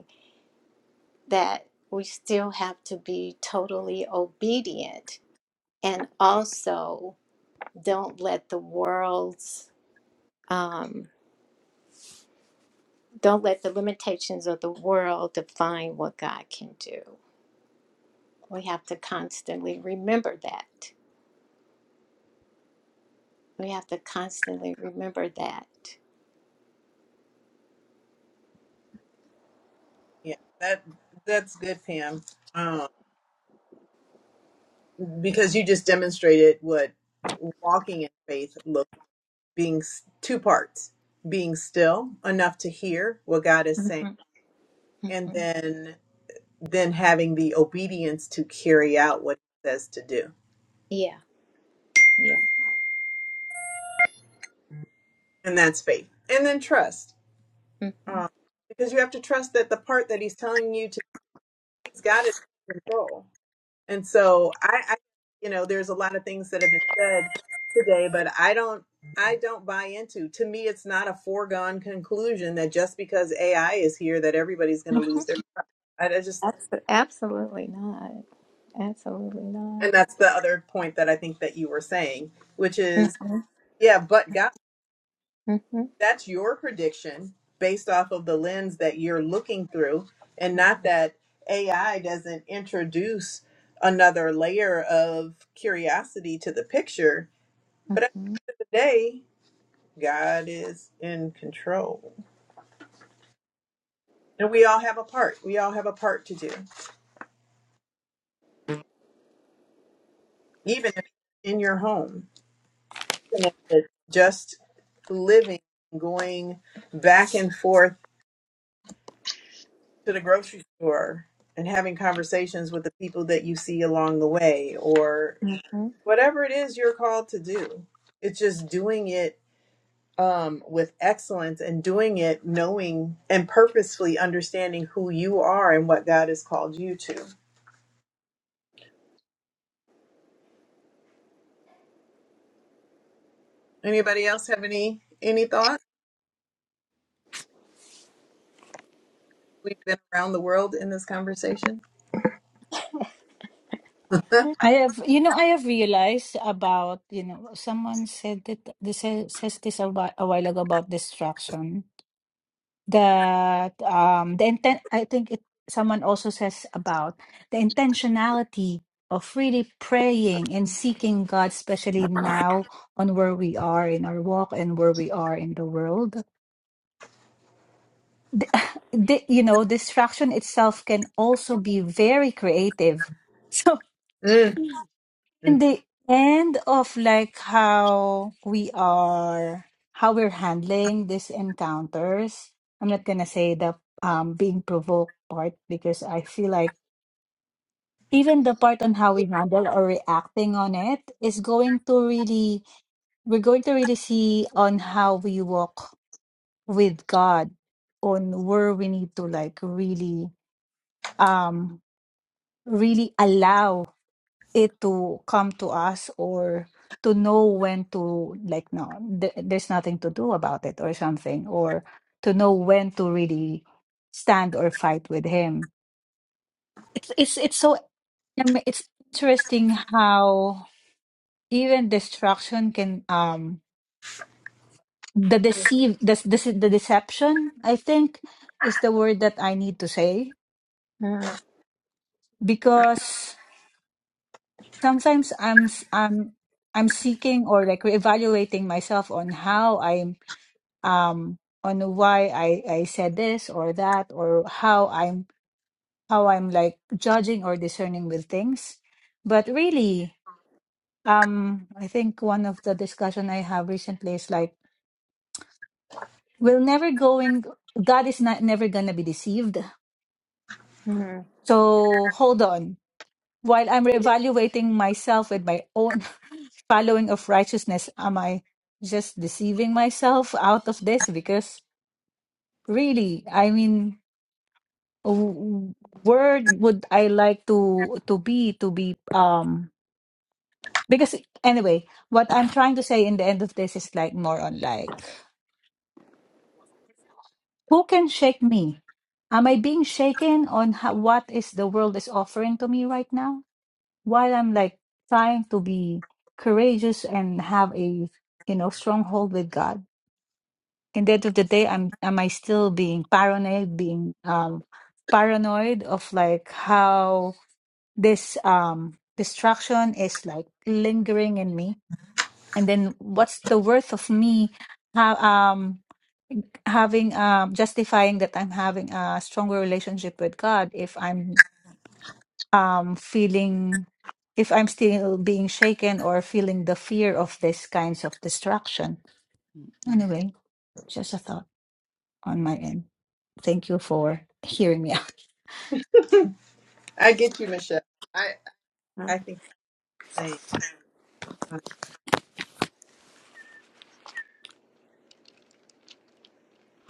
[SPEAKER 2] that we still have to be totally obedient and also don't let the world's um, don't let the limitations of the world define what god can do we have to constantly remember that we have to constantly remember that
[SPEAKER 1] Yeah, that that's good, Pam. Um, because you just demonstrated what walking in faith looks being two parts being still enough to hear what god is saying
[SPEAKER 2] Mhm,
[SPEAKER 1] and
[SPEAKER 2] mhm.
[SPEAKER 1] then then having the obedience to carry out what he says to do
[SPEAKER 2] yeah yeah
[SPEAKER 1] and that's faith and then trust
[SPEAKER 2] hmm
[SPEAKER 1] um, because you have to trust that the part that he's telling you to he's got it under control and so I, I you know there's a lot of things that have been said today but i don't i don't buy into to me it's not a foregone conclusion that just because ai is here that everybody's going to lose their I, I just
[SPEAKER 2] Abs- absolutely not absolutely not
[SPEAKER 1] And that's the other point that I think that you were saying, which is,
[SPEAKER 2] Mhm,
[SPEAKER 1] yeah, but God,
[SPEAKER 2] mhm,
[SPEAKER 1] that's your prediction based off of the lens that you're looking through, and not that AI doesn't introduce another layer of curiosity to the picture. But at
[SPEAKER 2] mhm,
[SPEAKER 1] the end of the day, God is in control. And we all have a part. We all have a part to do, even if in your home, even if it's just living, going back and forth to the grocery store and having conversations with the people that you see along the way or
[SPEAKER 2] mhm,
[SPEAKER 1] whatever it is you're called to do it's just doing it um, with excellence and doing it knowing and purposefully understanding who you are and what god has called you to anybody else have any any thoughts we've been around the world in this conversation
[SPEAKER 8] I have, you know, I have realized about, you know, someone said that this says, says this a while, a while ago about distraction. That um, the intent, I think it, someone also says about the intentionality of really praying and seeking God, especially now on where we are in our walk and where we are in the world. The, the, you know, distraction itself can also be very creative.
[SPEAKER 1] Mm,
[SPEAKER 8] in
[SPEAKER 1] mm.
[SPEAKER 8] the end of like how we are how we're handling these encounters i'm not gonna say the um being provoked part because i feel like even the part on how we handle or reacting on it is going to really we're going to really see on how we walk with God, on where we need to like really um really allow. it to come to us or to know when to like no th- there's nothing to do about it or something or to know when to really stand or fight with him it's it's it's so I it's interesting how even destruction can um the deceive the, the the deception i think is the word that i need to say because sometimes i'm s- i'm i'm seeking or like reevaluating myself on how i'm um on why I I said this or that or how I'm how I'm like judging or discerning with things. But really, um I think one of the discussion I have recently is like we will never going God is not never gonna be deceived.
[SPEAKER 2] mhm,
[SPEAKER 8] So hold on. While I'm reevaluating myself with my own following of righteousness, am I just deceiving myself out of this? Because really, I mean w- where would I like to to be to be um because anyway, what I'm trying to say in the end of this is like more on like who can shake me? Am I being shaken on how, what is the world is offering to me right now? While I'm like trying to be courageous and have a you know stronghold with God. In the end of the day, I'm am I still being paranoid, being um paranoid of like how this um distraction is like lingering in me and then what's the worth of me ha- um having um justifying that i'm having a stronger relationship with god if i'm um feeling if i'm still being shaken or feeling the fear of these kinds of distraction
[SPEAKER 3] mm,
[SPEAKER 8] anyway just a thought on my end thank you for hearing me out.
[SPEAKER 1] i get you michelle i
[SPEAKER 2] mhm.
[SPEAKER 1] i think the same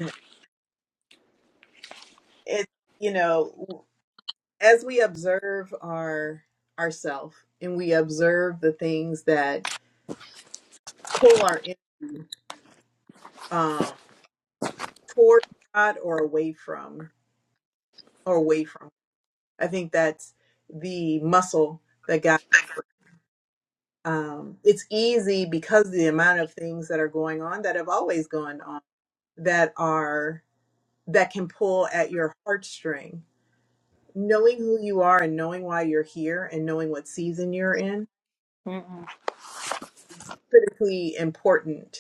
[SPEAKER 1] it's you know as we observe our ourself and we observe the things that pull our energy um, toward God or away from or away from. I think that's the muscle that God. Um, it's easy because the amount of things that are going on that have always gone on that are that can pull at your heartstring. Knowing who you are and knowing why you're here and knowing what season you're in
[SPEAKER 2] Mm-mm.
[SPEAKER 1] critically important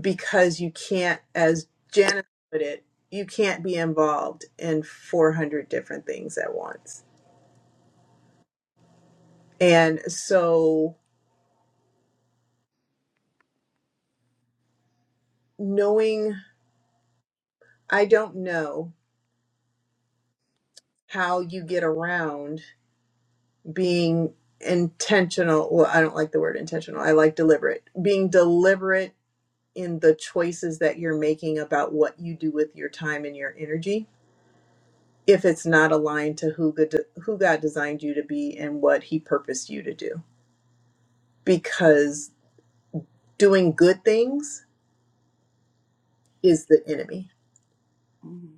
[SPEAKER 1] because you can't, as Janice put it, you can't be involved in 400 different things at once. And so, knowing, I don't know how you get around being intentional. Well, I don't like the word intentional, I like deliberate. Being deliberate in the choices that you're making about what you do with your time and your energy if it's not aligned to who good who God designed you to be and what he purposed you to do because doing good things is the enemy,
[SPEAKER 3] mm,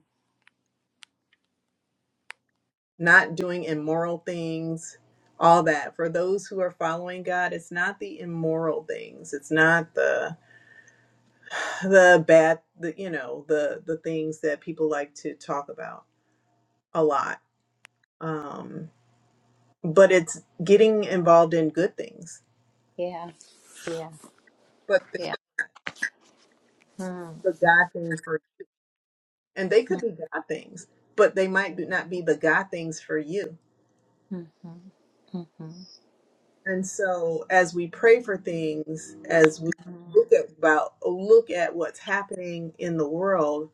[SPEAKER 1] not doing immoral things, all that. For those who are following God, it's not the immoral things. It's not the the bad, the, you know, the the things that people like to talk about a lot. Um, but it's getting involved in good things.
[SPEAKER 2] Yeah, yeah,
[SPEAKER 1] But the,
[SPEAKER 2] yeah. Mm,
[SPEAKER 1] the God thing for and they
[SPEAKER 2] mm,
[SPEAKER 1] could be God things, but they might be- not be the God things for you
[SPEAKER 2] mhm, mhm,
[SPEAKER 1] And so as we pray for things, as we
[SPEAKER 2] mhm,
[SPEAKER 1] look at about look at what's happening in the world,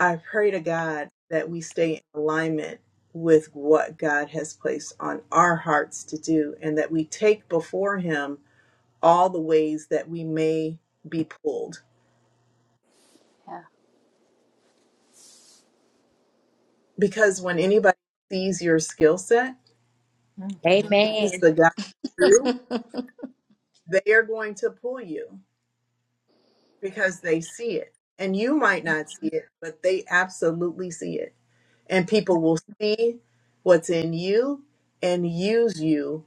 [SPEAKER 1] I pray to God that we stay in alignment with what God has placed on our hearts to do and that we take before him all the ways that we may be pulled.
[SPEAKER 2] Yeah.
[SPEAKER 1] Because when anybody sees your skill set,
[SPEAKER 2] mhm, Yeah.
[SPEAKER 1] sees
[SPEAKER 9] Amen.
[SPEAKER 1] the God through, they are going to pull you because they see it. And you might not see it, but they absolutely see it. And people will see what's in you and use you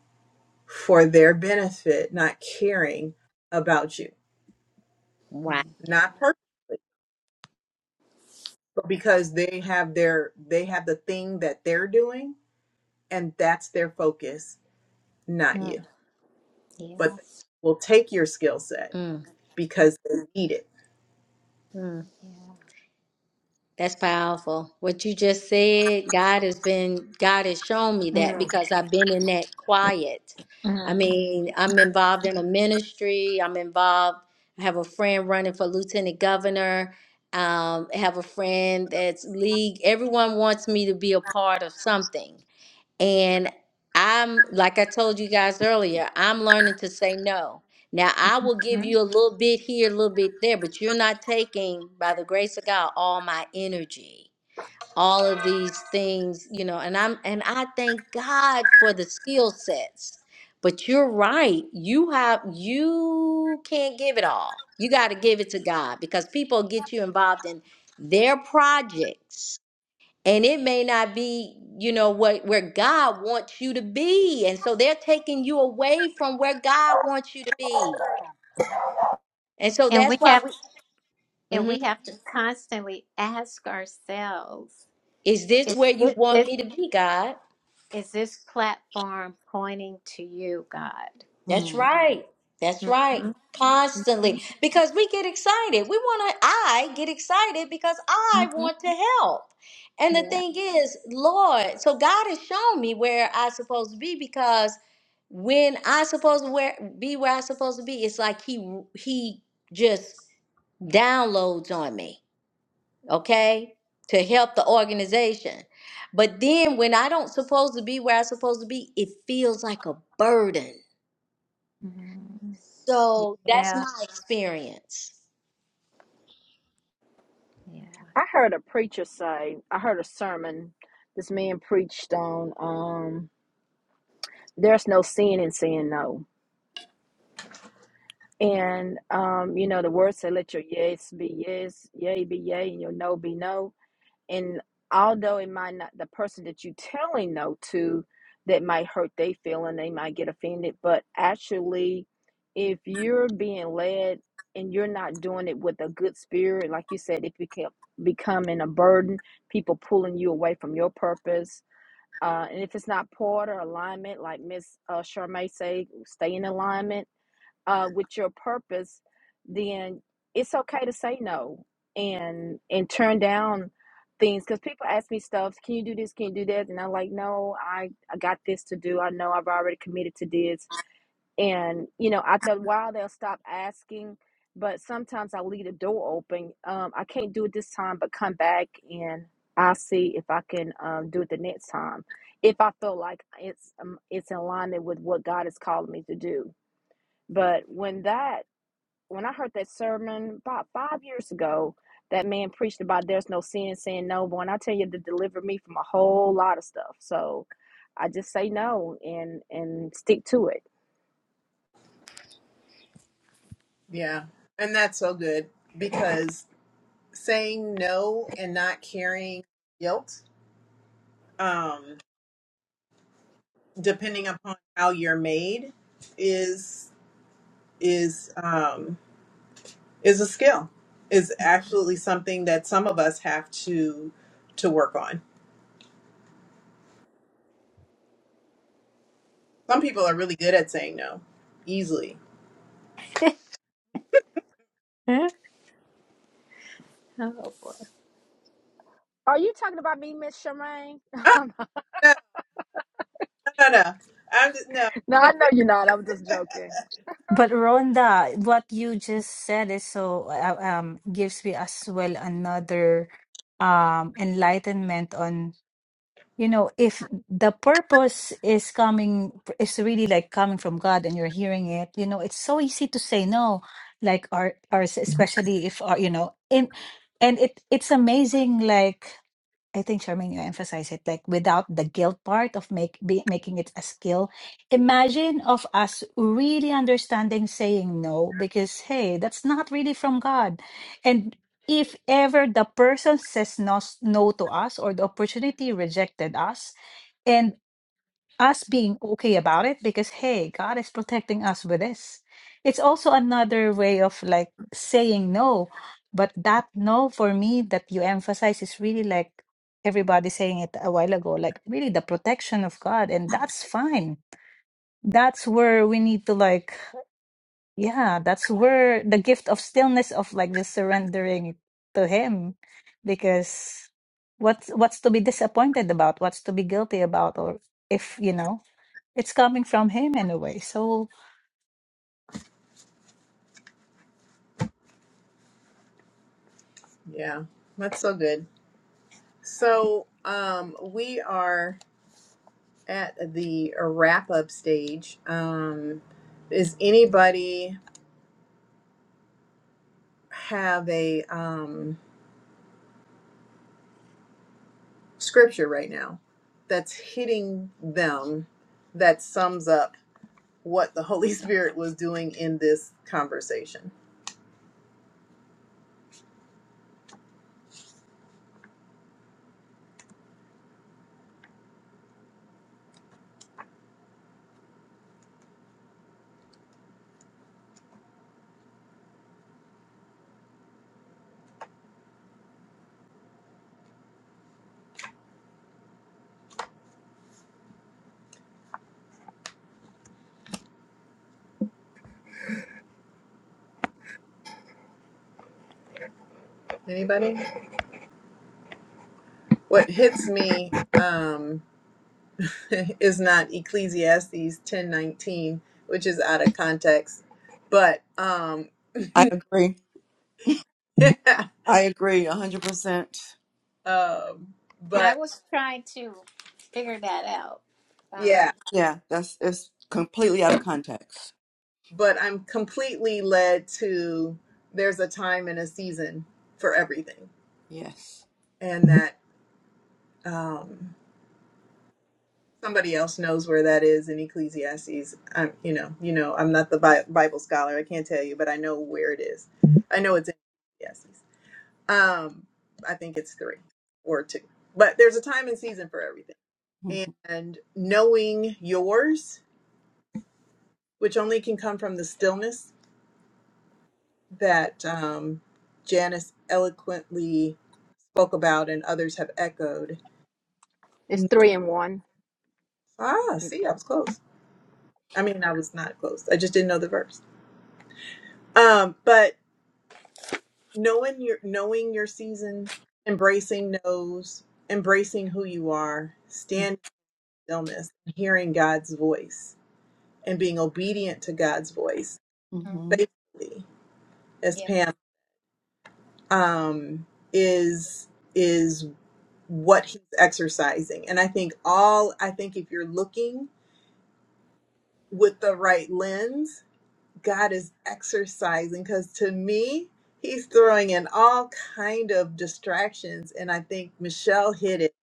[SPEAKER 1] for their benefit, not caring about you.
[SPEAKER 9] Wow.
[SPEAKER 3] mm.
[SPEAKER 1] Not purposely, but because they have their they have the thing that they're doing and that's their focus, not
[SPEAKER 2] mm,
[SPEAKER 1] you.
[SPEAKER 2] Yeah. Yeah.
[SPEAKER 1] But they will take your skill set
[SPEAKER 9] Mm,
[SPEAKER 1] because they need it.
[SPEAKER 9] mm. That's powerful. What you just said, God has been, God has shown me that
[SPEAKER 2] Mm,
[SPEAKER 9] because I've been in that quiet. I
[SPEAKER 2] mm,
[SPEAKER 9] mean, I'm involved in a ministry. I'm involved. I have a friend running for lieutenant governor. Um, I have a friend that's league. Everyone wants me to be a part of something. And I'm, like I told you guys earlier, I'm learning to say no. Now, I will give
[SPEAKER 2] mm.
[SPEAKER 9] you a little bit here, a little bit there, but you're not taking, by the grace of God, all my energy, all of these things, you know, and I'm, and I thank God for the skill sets. But you're right. You have, you can't give it all. You got to give it to God because people get you involved in their projects and it may not be you know what where god wants you to be and so they're taking you away from where god wants you to be and so
[SPEAKER 2] And
[SPEAKER 9] that's
[SPEAKER 2] we
[SPEAKER 9] why
[SPEAKER 2] have
[SPEAKER 9] we
[SPEAKER 2] and we
[SPEAKER 9] Mhm.
[SPEAKER 2] have to constantly ask ourselves,
[SPEAKER 9] is this
[SPEAKER 2] is
[SPEAKER 9] where you
[SPEAKER 2] this,
[SPEAKER 9] want
[SPEAKER 2] is,
[SPEAKER 9] me to be god
[SPEAKER 2] is this platform pointing to you, God?
[SPEAKER 9] That's
[SPEAKER 3] Hmm.
[SPEAKER 9] right. That's right.
[SPEAKER 2] Mhm, mhm,
[SPEAKER 9] Constantly. Because we get excited. We want to, I get excited because I
[SPEAKER 2] mhm.
[SPEAKER 9] want to help. And the
[SPEAKER 2] Yeah.
[SPEAKER 9] thing is, Lord, so God has shown me where I supposed to be because when I supposed to where, be where I supposed to be, it's like he he just downloads on me, okay, to help the organization. But then when I don't supposed to be where I supposed to be, it feels like a burden
[SPEAKER 2] Mhm.
[SPEAKER 9] so that's
[SPEAKER 2] Yeah.
[SPEAKER 9] my experience.
[SPEAKER 2] Yeah.
[SPEAKER 5] I heard a preacher say, I heard a sermon this man preached on um there's no sin in saying no. And um, you know, the word said let your yes be yes, yea be yea, and your no be no. and although it might not the person that you are telling no to that might hurt their feeling they might get offended but actually if you're being led and you're not doing it with a good spirit like you said it became becoming a burden people pulling you away from your purpose uh, and if it's not part or alignment like miss uh, Charmaine say stay in alignment uh, with your purpose, then it's okay to say no and and turn down things because people ask me stuff. Can you do this? Can you do that? And I'm like, no, I I got this to do. I know I've already committed to this. And you know, after a while, they'll stop asking. But sometimes I leave the door open. Um, I can't do it this time, but come back and I'll see if I can um, do it the next time. If I feel like it's um, it's in alignment with what God is calling me to do. But when that when I heard that sermon about five years ago, that man preached about there's no sin, saying no. But when I tell you to deliver me from a whole lot of stuff, so I just say no and and stick to it.
[SPEAKER 1] Yeah. And that's so good because saying no and not carrying guilt um depending upon how you're made is is um is a skill is absolutely something that some of us have to to work on some people are really good at saying no easily
[SPEAKER 2] Mhm. Oh boy.
[SPEAKER 5] Are you talking about me, Miss Charmaine?
[SPEAKER 1] ah,
[SPEAKER 5] no,
[SPEAKER 1] no no no no. i'm just no
[SPEAKER 5] I know you're not. I'm just joking.
[SPEAKER 8] But Rhonda, what you just said is so uh, um gives me as well another um enlightenment on you know if the purpose is coming is really like coming from God and you're hearing it, you know, it's so easy to say no, like our ours especially if our, you know in and it it's amazing like I think, Charmaine, you emphasize it like without the guilt part of make be, making it a skill. Imagine of us really understanding saying no because hey, that's not really from God. And if ever the person says no, no to us or the opportunity rejected us, us being okay about it because hey god is protecting us with this it's also another way of like saying no but that no for me that you emphasize is really like everybody saying it a while ago like really the protection of god and that's fine that's where we need to like yeah that's where the gift of stillness of like just surrendering it to him because what's what's to be disappointed about what's to be guilty about or if you know it's coming from Him anyway. So,
[SPEAKER 1] yeah that's so good so um we are at the wrap up stage um is anybody have a um, scripture right now that's hitting them that sums up what the Holy Spirit was doing in this conversation. Anybody? What hits me um, is not Ecclesiastes ten nineteen, which is out of context, but um,
[SPEAKER 3] I agree. I agree a 100%.
[SPEAKER 1] um,
[SPEAKER 2] I
[SPEAKER 1] but
[SPEAKER 2] was trying to figure that out.
[SPEAKER 1] yeah,
[SPEAKER 2] Wow.
[SPEAKER 3] Yeah, that's it's completely out of context.
[SPEAKER 1] but I'm completely led to there's a time and a season for everything
[SPEAKER 3] Yes.
[SPEAKER 1] and that. um somebody else knows where that is in ecclesiastes i'm you know you know i'm not the Bi- bible scholar i can't tell you but i know where it is i know it's in ecclesiastes um i think it's three or two but there's a time and season for everything
[SPEAKER 3] Mm-hmm.
[SPEAKER 1] and knowing yours which only can come from the stillness that um janice eloquently spoke about and others have echoed
[SPEAKER 5] It's three and one.
[SPEAKER 1] ah
[SPEAKER 5] Mm,
[SPEAKER 1] see i was close i mean i was not close i just didn't know the verse Um, but knowing your knowing your season, embracing no's, embracing who you are, standing stillness, hearing God's voice, and being obedient to God's voice
[SPEAKER 2] Mm.
[SPEAKER 3] Mm-hmm.
[SPEAKER 1] faithfully, as
[SPEAKER 2] Yeah.
[SPEAKER 1] Pam um, is is what he's exercising. And I think all I think if you're looking with the right lens God is exercising because to me, he's throwing in all kind of distractions. And I think Michelle hit it.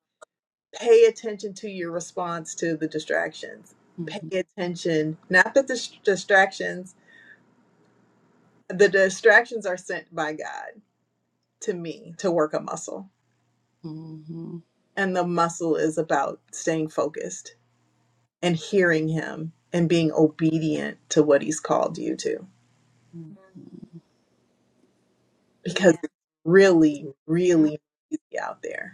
[SPEAKER 1] Pay attention to your response to the distractions. Pay
[SPEAKER 3] Mm-hmm.
[SPEAKER 1] attention, not that the s- distractions, the distractions are sent by God to me to work a muscle.
[SPEAKER 3] Mm-hmm.
[SPEAKER 1] And the muscle is about staying focused and hearing him and being obedient to what he's called you to
[SPEAKER 3] Mm-hmm.
[SPEAKER 2] Mm.
[SPEAKER 1] because
[SPEAKER 2] Yeah.
[SPEAKER 1] it's really,
[SPEAKER 2] Mm.
[SPEAKER 1] really easy out there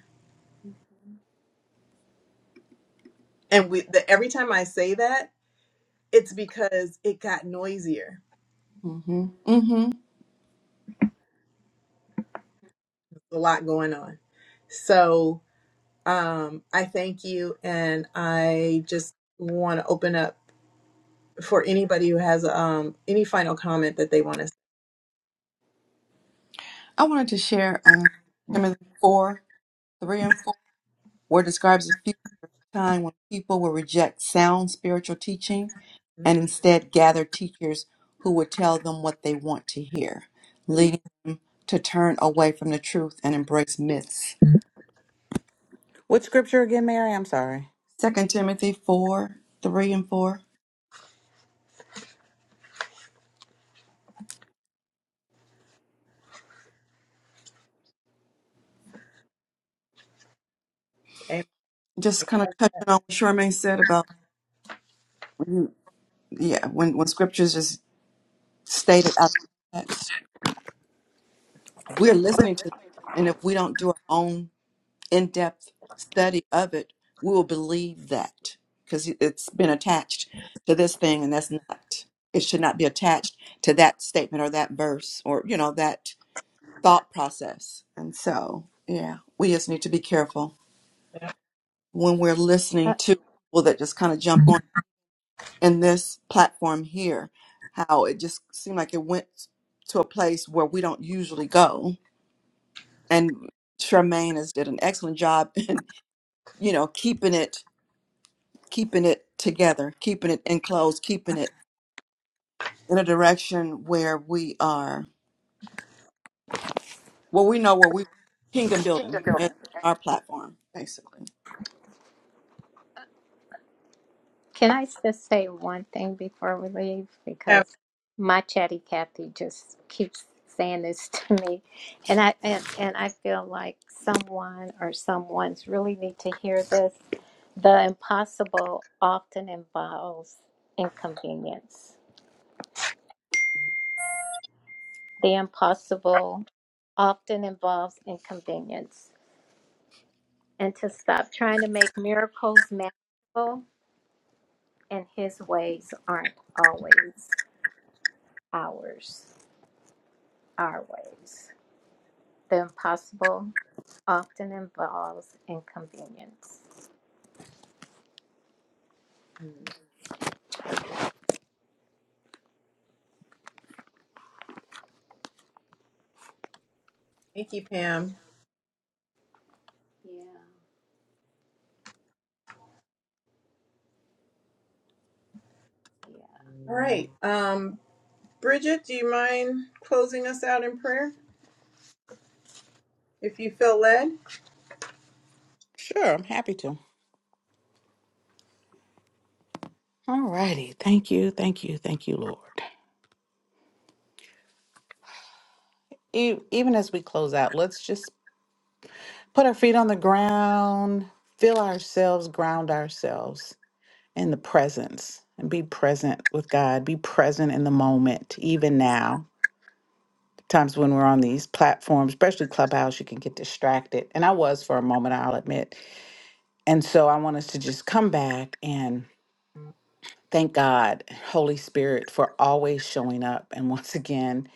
[SPEAKER 1] And we, the, every time I say that, it's because it got noisier.
[SPEAKER 3] Mm-hmm. Mm-hmm.
[SPEAKER 1] A lot going on. So um, I thank you, and I just want to open up for anybody who has um, any final comment that they want to. say.
[SPEAKER 3] I wanted to share um, Timothy 4, 3 and 4, where it describes a future time when people will reject sound spiritual teaching and
[SPEAKER 1] Mm,
[SPEAKER 3] instead gather teachers who would tell them what they want to hear, leading them to turn away from the truth and embrace myths
[SPEAKER 7] what scripture again, Mary? I'm sorry.
[SPEAKER 3] Second Timothy four, three and four.
[SPEAKER 1] amen.
[SPEAKER 3] Just kind of touching on what Charmaine said about when you, yeah, when when scriptures is stated out of context, we're listening to, and if we don't do our own in depth study of it, we will believe that because it's been attached to this thing, and that's not. It should not be attached to that statement or that verse or you know that thought process. And so, yeah, we just need to be careful when we're
[SPEAKER 2] Uh,
[SPEAKER 3] listening to people that just kind of jump on in this platform here, how it just seemed like it went to a place where we don't usually go. And Charmaine has did an excellent job in, you know, keeping it keeping it together, keeping it enclosed, keeping it in a direction where we are well we know where we kingdom building is our platform, basically.
[SPEAKER 2] Can I just say one thing before we leave?
[SPEAKER 1] Yeah.
[SPEAKER 2] Because my chatty Cathy just keeps saying this to me, and I and, and I feel like someone or someone's really need to hear this. The impossible often involves inconvenience. The impossible often involves inconvenience. and to stop trying to make miracles manageable and his ways aren't always ours our ways the impossible often involves inconvenience
[SPEAKER 1] Mm, Thank you, Pam.
[SPEAKER 2] Yeah. yeah
[SPEAKER 1] All right, um, Bridget, do you mind closing us out in prayer if you feel led?
[SPEAKER 7] Sure, I'm happy to. All righty. Thank you, thank you, thank you, Lord. E- even as we close out, let's just put our feet on the ground, feel ourselves, ground ourselves in the presence, and be present with God, be present in the moment, even now. Times when we're on these platforms, especially Clubhouse, you can get distracted. And I was for a moment, I'll admit. And so I want us to just come back and Thank God, Holy Spirit, for always showing up. And once again,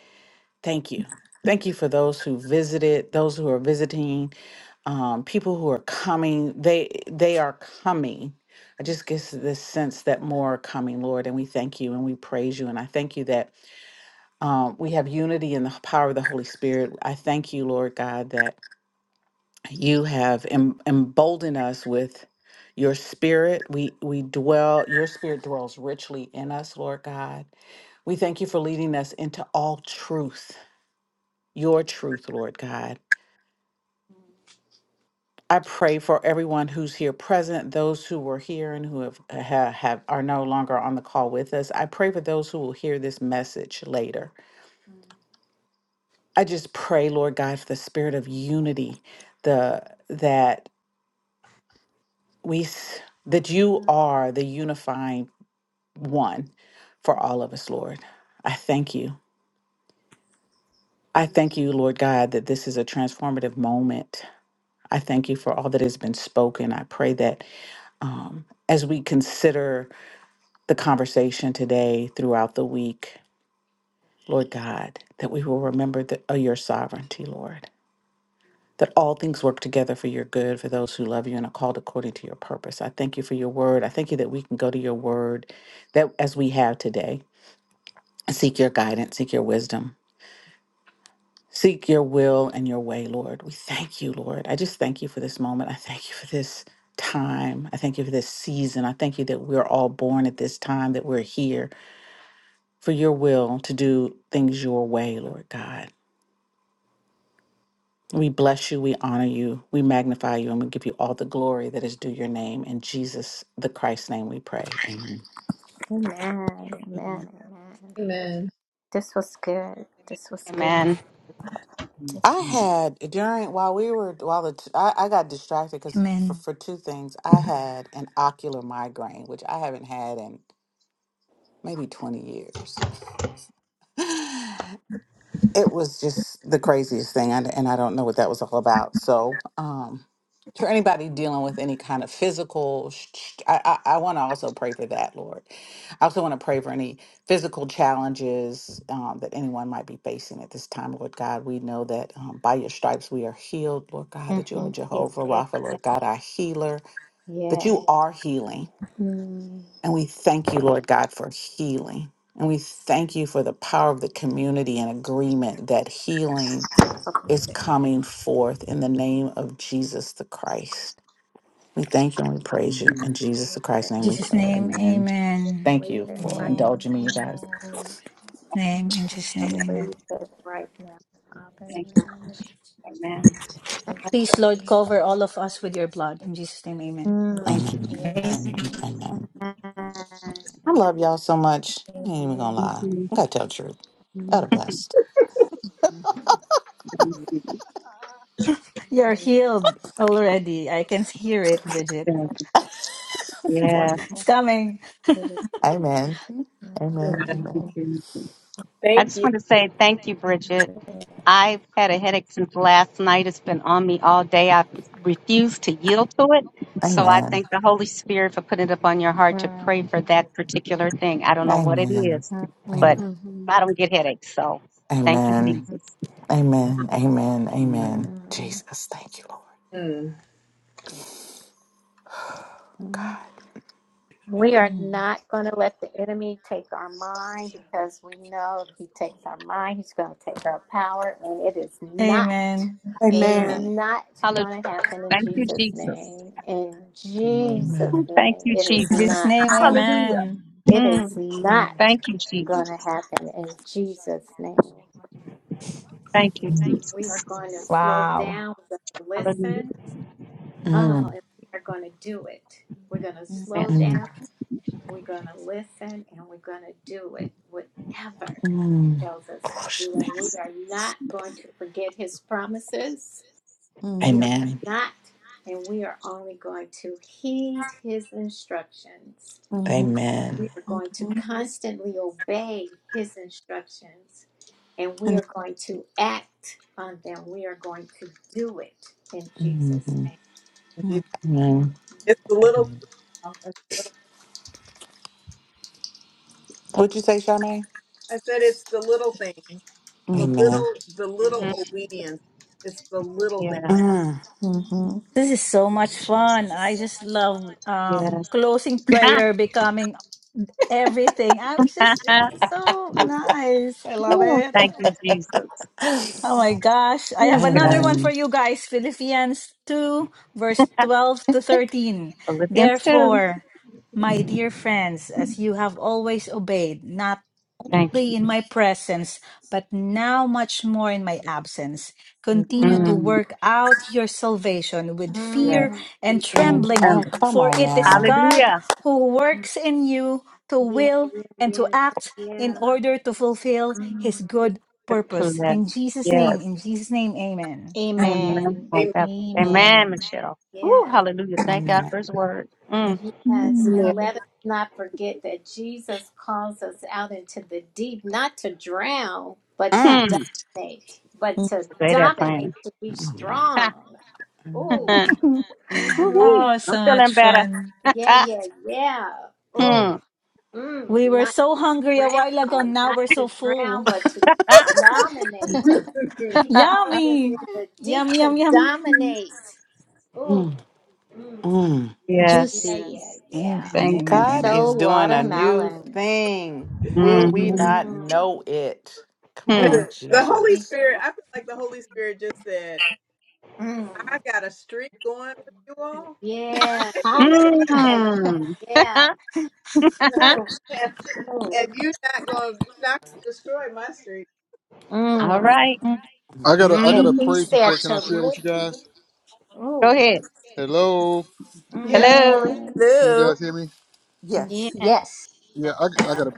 [SPEAKER 7] thank you. Thank you for those who visited, those who are visiting, um, people who are coming. They they are coming. I just get this sense that more are coming, Lord, and we thank you and we praise you. And I thank you that um, we have unity in the power of the Holy Spirit. I thank you, Lord God, that you have em- emboldened us with your spirit. We we dwell. Your spirit dwells richly in us, Lord God we thank you for leading us into all truth, your truth, Lord God. I pray for everyone who's here present, those who were here and who have, have, have are no longer on the call with us. I pray for those who will hear this message later. I just pray, Lord God, for the spirit of unity, the that we s- that you are the unifying one for all of us, Lord. I thank you. I
[SPEAKER 2] Yeah.
[SPEAKER 7] thank you, Lord God, that this is a transformative moment I thank you for all that has been spoken. I pray that um, as we consider the
[SPEAKER 2] Mm-hmm.
[SPEAKER 7] conversation today throughout the week, Lord God, that we will remember the, uh, your sovereignty, Lord, that all things work together for your good for those who love you and are called according to your purpose. I thank you for your word. I thank you that we can go to your word that as we have today, and seek your guidance, seek your wisdom Seek your will and your way, Lord. We thank you, Lord. I just thank you for this moment. I thank you for this time. I thank you for this season. I thank you that we're all born at this time, that we're here for your will to do things your way, Lord God. We bless you, we honor you, we magnify you, and we give you all the glory that is due your name. In Jesus, the Christ's name, we pray. Amen.
[SPEAKER 2] amen
[SPEAKER 3] Yeah.
[SPEAKER 2] amen amen
[SPEAKER 1] Amen.
[SPEAKER 2] this was good this was good
[SPEAKER 4] Amen.
[SPEAKER 2] this,
[SPEAKER 7] I
[SPEAKER 10] Mhm,
[SPEAKER 7] had during while we were while the t- I, I got distracted because for,
[SPEAKER 8] Amen.
[SPEAKER 7] for two things I had an ocular migraine which I haven't had in maybe 20 years. It was just the craziest thing, and, and I don't know what that was all about. So, um, for anybody dealing with any kind of physical, sh- sh- I, I, I want to also pray for that, Lord. I also want to pray for any physical challenges um, that anyone might be facing at this time, Lord God. We know that um, by your stripes we are healed, Lord God,
[SPEAKER 2] hmm
[SPEAKER 7] that you are
[SPEAKER 2] yeah
[SPEAKER 7] Jehovah
[SPEAKER 2] yeah
[SPEAKER 7] Rapha,
[SPEAKER 2] yeah
[SPEAKER 7] Lord God, our healer, that
[SPEAKER 2] yeah
[SPEAKER 7] you are healing.
[SPEAKER 2] mm.
[SPEAKER 7] And we thank you, Lord God, for healing. And we thank you for the power of the community and agreement that healing
[SPEAKER 2] believe
[SPEAKER 7] is
[SPEAKER 2] it
[SPEAKER 7] coming forth in the name of Jesus the Christ. We thank you and we praise you.
[SPEAKER 10] Amen.
[SPEAKER 7] In Jesus the Christ's
[SPEAKER 8] In
[SPEAKER 7] name we
[SPEAKER 8] Jesus'
[SPEAKER 7] pray.
[SPEAKER 8] name,
[SPEAKER 7] Amen.
[SPEAKER 2] I
[SPEAKER 8] Amen.
[SPEAKER 7] Thank
[SPEAKER 2] believe
[SPEAKER 7] you
[SPEAKER 2] it
[SPEAKER 7] for
[SPEAKER 2] right
[SPEAKER 10] Amen.
[SPEAKER 11] Amen.
[SPEAKER 7] indulging me, you guys.
[SPEAKER 11] Amen.
[SPEAKER 8] Name in Jesus'
[SPEAKER 2] I
[SPEAKER 8] name, Amen.
[SPEAKER 2] believe that right now, Father,
[SPEAKER 4] Thank
[SPEAKER 2] in the name
[SPEAKER 4] you. Amen.
[SPEAKER 8] Please,
[SPEAKER 2] of
[SPEAKER 8] Lord,
[SPEAKER 2] Jesus.
[SPEAKER 8] cover all of us with your blood. In Jesus' name, Amen.
[SPEAKER 4] Thank you.
[SPEAKER 7] Amen.
[SPEAKER 2] Mm.
[SPEAKER 11] Amen.
[SPEAKER 7] Amen.
[SPEAKER 11] Amen.
[SPEAKER 7] Amen.
[SPEAKER 2] Amen.
[SPEAKER 7] I love y'all so much. I ain't even gonna
[SPEAKER 4] Thank
[SPEAKER 7] lie.
[SPEAKER 2] Amen.
[SPEAKER 4] you.
[SPEAKER 7] I gotta tell the truth. Y'all
[SPEAKER 2] Mm.
[SPEAKER 7] the best.
[SPEAKER 3] Mhm.
[SPEAKER 4] Thank you.
[SPEAKER 8] You're healed already. I can hear it, Bridget.
[SPEAKER 4] Thank you.
[SPEAKER 2] Lord,
[SPEAKER 4] Yeah.
[SPEAKER 2] I
[SPEAKER 8] It's
[SPEAKER 2] ask
[SPEAKER 8] coming.
[SPEAKER 2] you to
[SPEAKER 7] Amen. Amen.
[SPEAKER 2] bless
[SPEAKER 7] Amen.
[SPEAKER 4] I
[SPEAKER 1] Thank
[SPEAKER 4] just
[SPEAKER 1] you.
[SPEAKER 4] want to say thank you, Bridget.
[SPEAKER 2] me.
[SPEAKER 4] I've had a headache since last night. It's been on me all day. I refused to yield to it. So I
[SPEAKER 7] Amen.
[SPEAKER 4] thank the Holy Spirit for putting it upon your heart to pray
[SPEAKER 2] Mm.
[SPEAKER 4] for that particular thing. I don't know what it
[SPEAKER 7] Amen.
[SPEAKER 4] is,
[SPEAKER 2] Mm.
[SPEAKER 4] but
[SPEAKER 7] Amen.
[SPEAKER 3] Mm,
[SPEAKER 11] Mm-hmm.
[SPEAKER 4] I don't get headaches. So thank you,
[SPEAKER 2] Mm.
[SPEAKER 7] Amen.
[SPEAKER 10] mhm,
[SPEAKER 4] Jesus.
[SPEAKER 7] Amen. Amen.
[SPEAKER 10] Amen. Amen.
[SPEAKER 7] Amen.
[SPEAKER 2] Mm.
[SPEAKER 7] Jesus. Thank you, Lord.
[SPEAKER 1] Mm.
[SPEAKER 11] Yes.
[SPEAKER 2] Mm.
[SPEAKER 7] God.
[SPEAKER 2] We are
[SPEAKER 3] mm,
[SPEAKER 2] not going to let the enemy take our mind because we know if he takes our mind, he's going to take our power. And it is not,
[SPEAKER 8] Amen.
[SPEAKER 2] it is
[SPEAKER 3] Amen.
[SPEAKER 11] Amen.
[SPEAKER 2] not
[SPEAKER 4] Hallelujah.
[SPEAKER 2] going to happen in
[SPEAKER 4] Thank you,
[SPEAKER 2] Jesus'
[SPEAKER 4] Jesus.
[SPEAKER 2] name. In
[SPEAKER 10] Amen.
[SPEAKER 2] Jesus'
[SPEAKER 7] Amen.
[SPEAKER 4] Thank
[SPEAKER 2] name,
[SPEAKER 4] you,
[SPEAKER 2] it is
[SPEAKER 8] In
[SPEAKER 4] Jesus.
[SPEAKER 8] Jesus'
[SPEAKER 2] not
[SPEAKER 8] name,
[SPEAKER 2] going,
[SPEAKER 4] Hallelujah.
[SPEAKER 11] Amen.
[SPEAKER 8] Amen.
[SPEAKER 2] it is
[SPEAKER 4] Mm.
[SPEAKER 7] Mm,
[SPEAKER 2] not
[SPEAKER 4] Thank you, Jesus.
[SPEAKER 2] going to happen in Jesus' name.
[SPEAKER 4] Thank you,
[SPEAKER 2] We are
[SPEAKER 4] Jesus.
[SPEAKER 2] going to slow
[SPEAKER 8] Wow.
[SPEAKER 2] down, we're going to
[SPEAKER 4] Hallelujah.
[SPEAKER 2] listen. Oh,
[SPEAKER 7] mm,
[SPEAKER 2] and we are going to do it. We're going to
[SPEAKER 3] mm,
[SPEAKER 2] slow
[SPEAKER 4] Amen.
[SPEAKER 2] down.
[SPEAKER 7] mm,
[SPEAKER 2] We're going to listen and we're going to do it, whatever He
[SPEAKER 7] mm.
[SPEAKER 2] tells us to
[SPEAKER 7] Gosh,
[SPEAKER 2] do. And we are
[SPEAKER 7] thanks.
[SPEAKER 2] not going to forget his promises. We
[SPEAKER 3] mm,
[SPEAKER 2] are
[SPEAKER 7] Amen.
[SPEAKER 2] not, and we are only going to heed his instructions.
[SPEAKER 3] mhm,
[SPEAKER 2] We
[SPEAKER 7] Amen.
[SPEAKER 2] are going to
[SPEAKER 3] mhm,
[SPEAKER 2] constantly obey his instructions and we
[SPEAKER 3] and-
[SPEAKER 2] are going to act on them. We are going to do it in Jesus'
[SPEAKER 7] Mhm.
[SPEAKER 3] mm,
[SPEAKER 2] name.
[SPEAKER 7] Amen.
[SPEAKER 1] It's a little.
[SPEAKER 7] What'd you say, Charmaine?
[SPEAKER 1] I said it's the little things, the
[SPEAKER 3] mm,
[SPEAKER 7] Amen.
[SPEAKER 1] little, the
[SPEAKER 4] hmm
[SPEAKER 1] little obedience. It's the little
[SPEAKER 4] Yes,
[SPEAKER 7] Mm.
[SPEAKER 3] mhm,
[SPEAKER 8] This is so much
[SPEAKER 4] Jesus.
[SPEAKER 8] fun. I just love um,
[SPEAKER 4] Yes.
[SPEAKER 8] closing prayer, becoming everything. I'm just, it's so nice. I love
[SPEAKER 4] Oh,
[SPEAKER 8] it.
[SPEAKER 4] thank you, Jesus.
[SPEAKER 8] Oh my gosh. I have
[SPEAKER 4] Oh,
[SPEAKER 8] another
[SPEAKER 4] God.
[SPEAKER 8] one for
[SPEAKER 7] Amen.
[SPEAKER 8] you guys. Philippians 2, verse 12 to 13.
[SPEAKER 4] Philippians 2.
[SPEAKER 8] Therefore, my dear friends, as you have always obeyed, not
[SPEAKER 4] Thank
[SPEAKER 8] only
[SPEAKER 4] you.
[SPEAKER 8] in my presence, but now much more in my absence.
[SPEAKER 1] things.
[SPEAKER 8] Continue to
[SPEAKER 2] Mhm.
[SPEAKER 4] Mm.
[SPEAKER 8] work out your salvation with
[SPEAKER 4] Yes.
[SPEAKER 8] fear
[SPEAKER 2] Mhm.
[SPEAKER 8] and
[SPEAKER 4] And
[SPEAKER 7] And
[SPEAKER 8] trembling,
[SPEAKER 7] oh,
[SPEAKER 4] remember.
[SPEAKER 7] come
[SPEAKER 8] for
[SPEAKER 7] on
[SPEAKER 8] it is
[SPEAKER 7] now.
[SPEAKER 8] God
[SPEAKER 4] Hallelujah.
[SPEAKER 8] who works in you to
[SPEAKER 2] Yeah,
[SPEAKER 8] will
[SPEAKER 2] yeah,
[SPEAKER 8] and to
[SPEAKER 2] yeah,
[SPEAKER 8] act in
[SPEAKER 2] yeah.
[SPEAKER 8] order to fulfill
[SPEAKER 2] Mhm.
[SPEAKER 8] his good
[SPEAKER 4] Good
[SPEAKER 8] purpose.
[SPEAKER 4] that.
[SPEAKER 8] In Jesus'
[SPEAKER 4] Yes.
[SPEAKER 8] name, in Jesus' name, amen.
[SPEAKER 3] and-
[SPEAKER 2] Yes,
[SPEAKER 4] Amen.
[SPEAKER 11] Amen.
[SPEAKER 1] Amen.
[SPEAKER 4] Amen,
[SPEAKER 11] Amen.
[SPEAKER 4] Michelle. Oh,
[SPEAKER 2] yes.
[SPEAKER 4] hallelujah. Thank God
[SPEAKER 7] Amen.
[SPEAKER 4] for his word.
[SPEAKER 3] mm,
[SPEAKER 4] Mm.
[SPEAKER 2] And
[SPEAKER 1] Lord.
[SPEAKER 8] Mm.
[SPEAKER 2] let us not forget that Jesus calls us out into the deep, not to drown, but to
[SPEAKER 7] Mm.
[SPEAKER 4] Hmm.
[SPEAKER 2] dominate, but
[SPEAKER 3] mm,
[SPEAKER 2] to
[SPEAKER 4] Say that,
[SPEAKER 2] dominate,
[SPEAKER 4] plan.
[SPEAKER 2] to be strong. Oh,
[SPEAKER 4] And
[SPEAKER 7] Amen.
[SPEAKER 11] Mm-hmm.
[SPEAKER 2] mm,
[SPEAKER 4] Woo-wee.
[SPEAKER 8] oh,
[SPEAKER 4] I'm
[SPEAKER 8] so much
[SPEAKER 4] feeling better.
[SPEAKER 8] fun.
[SPEAKER 2] yeah, yeah, yeah. Oh,
[SPEAKER 7] Mm.
[SPEAKER 4] Hmm.
[SPEAKER 2] mm,
[SPEAKER 8] We were
[SPEAKER 2] not
[SPEAKER 8] so hungry a while ago,
[SPEAKER 2] drown,
[SPEAKER 8] now
[SPEAKER 2] not
[SPEAKER 8] we're
[SPEAKER 2] to
[SPEAKER 8] so full.
[SPEAKER 2] drown, but to dominate.
[SPEAKER 1] the
[SPEAKER 2] He calls us in
[SPEAKER 8] Yummy!
[SPEAKER 2] the
[SPEAKER 8] Yum,
[SPEAKER 2] deep to
[SPEAKER 8] yum, yum.
[SPEAKER 2] dominate. Oh,
[SPEAKER 7] Mm.
[SPEAKER 2] mm,
[SPEAKER 7] Mm.
[SPEAKER 4] yes.
[SPEAKER 2] yeah,
[SPEAKER 11] Juicy.
[SPEAKER 2] yeah,
[SPEAKER 11] Yes.
[SPEAKER 8] Amen.
[SPEAKER 2] yeah.
[SPEAKER 4] Thank
[SPEAKER 8] Amen.
[SPEAKER 4] you.
[SPEAKER 7] God
[SPEAKER 11] So
[SPEAKER 7] is
[SPEAKER 8] Amen.
[SPEAKER 7] doing a
[SPEAKER 2] Thank
[SPEAKER 7] new
[SPEAKER 11] watermelon.
[SPEAKER 7] thing. Will we
[SPEAKER 4] hmm
[SPEAKER 7] not
[SPEAKER 2] Mm.
[SPEAKER 7] know it? Come
[SPEAKER 2] Oh,
[SPEAKER 4] Hmm.
[SPEAKER 7] on,
[SPEAKER 1] Holy
[SPEAKER 2] thank
[SPEAKER 7] Jesus.
[SPEAKER 1] Spirit.
[SPEAKER 2] you.
[SPEAKER 1] I feel like the Holy Spirit just said,
[SPEAKER 2] Mm.
[SPEAKER 1] "I got a streak going with you all,
[SPEAKER 2] Yeah, yeah, yeah, yeah,
[SPEAKER 4] Mm.
[SPEAKER 2] yeah. Oh,
[SPEAKER 1] and, and you're not going not gonna destroy my streak."
[SPEAKER 2] oh.
[SPEAKER 4] All
[SPEAKER 2] Mm.
[SPEAKER 4] right.
[SPEAKER 3] mhm.
[SPEAKER 12] I
[SPEAKER 7] Mm,
[SPEAKER 12] got a I got a
[SPEAKER 2] And
[SPEAKER 4] Mm-hmm.
[SPEAKER 2] he
[SPEAKER 12] praise
[SPEAKER 2] said
[SPEAKER 12] report. Can
[SPEAKER 2] to
[SPEAKER 12] I share it with
[SPEAKER 2] look.
[SPEAKER 12] you guys?
[SPEAKER 4] Go
[SPEAKER 2] Oh,
[SPEAKER 4] ahead.
[SPEAKER 12] Hello,
[SPEAKER 2] mm.
[SPEAKER 1] Yeah.
[SPEAKER 4] Hello.
[SPEAKER 11] Yes.
[SPEAKER 12] can you guys
[SPEAKER 3] Hello.
[SPEAKER 12] hear me?
[SPEAKER 3] Yes.
[SPEAKER 2] yeah.
[SPEAKER 11] Yes.
[SPEAKER 12] Yeah, I, I got a.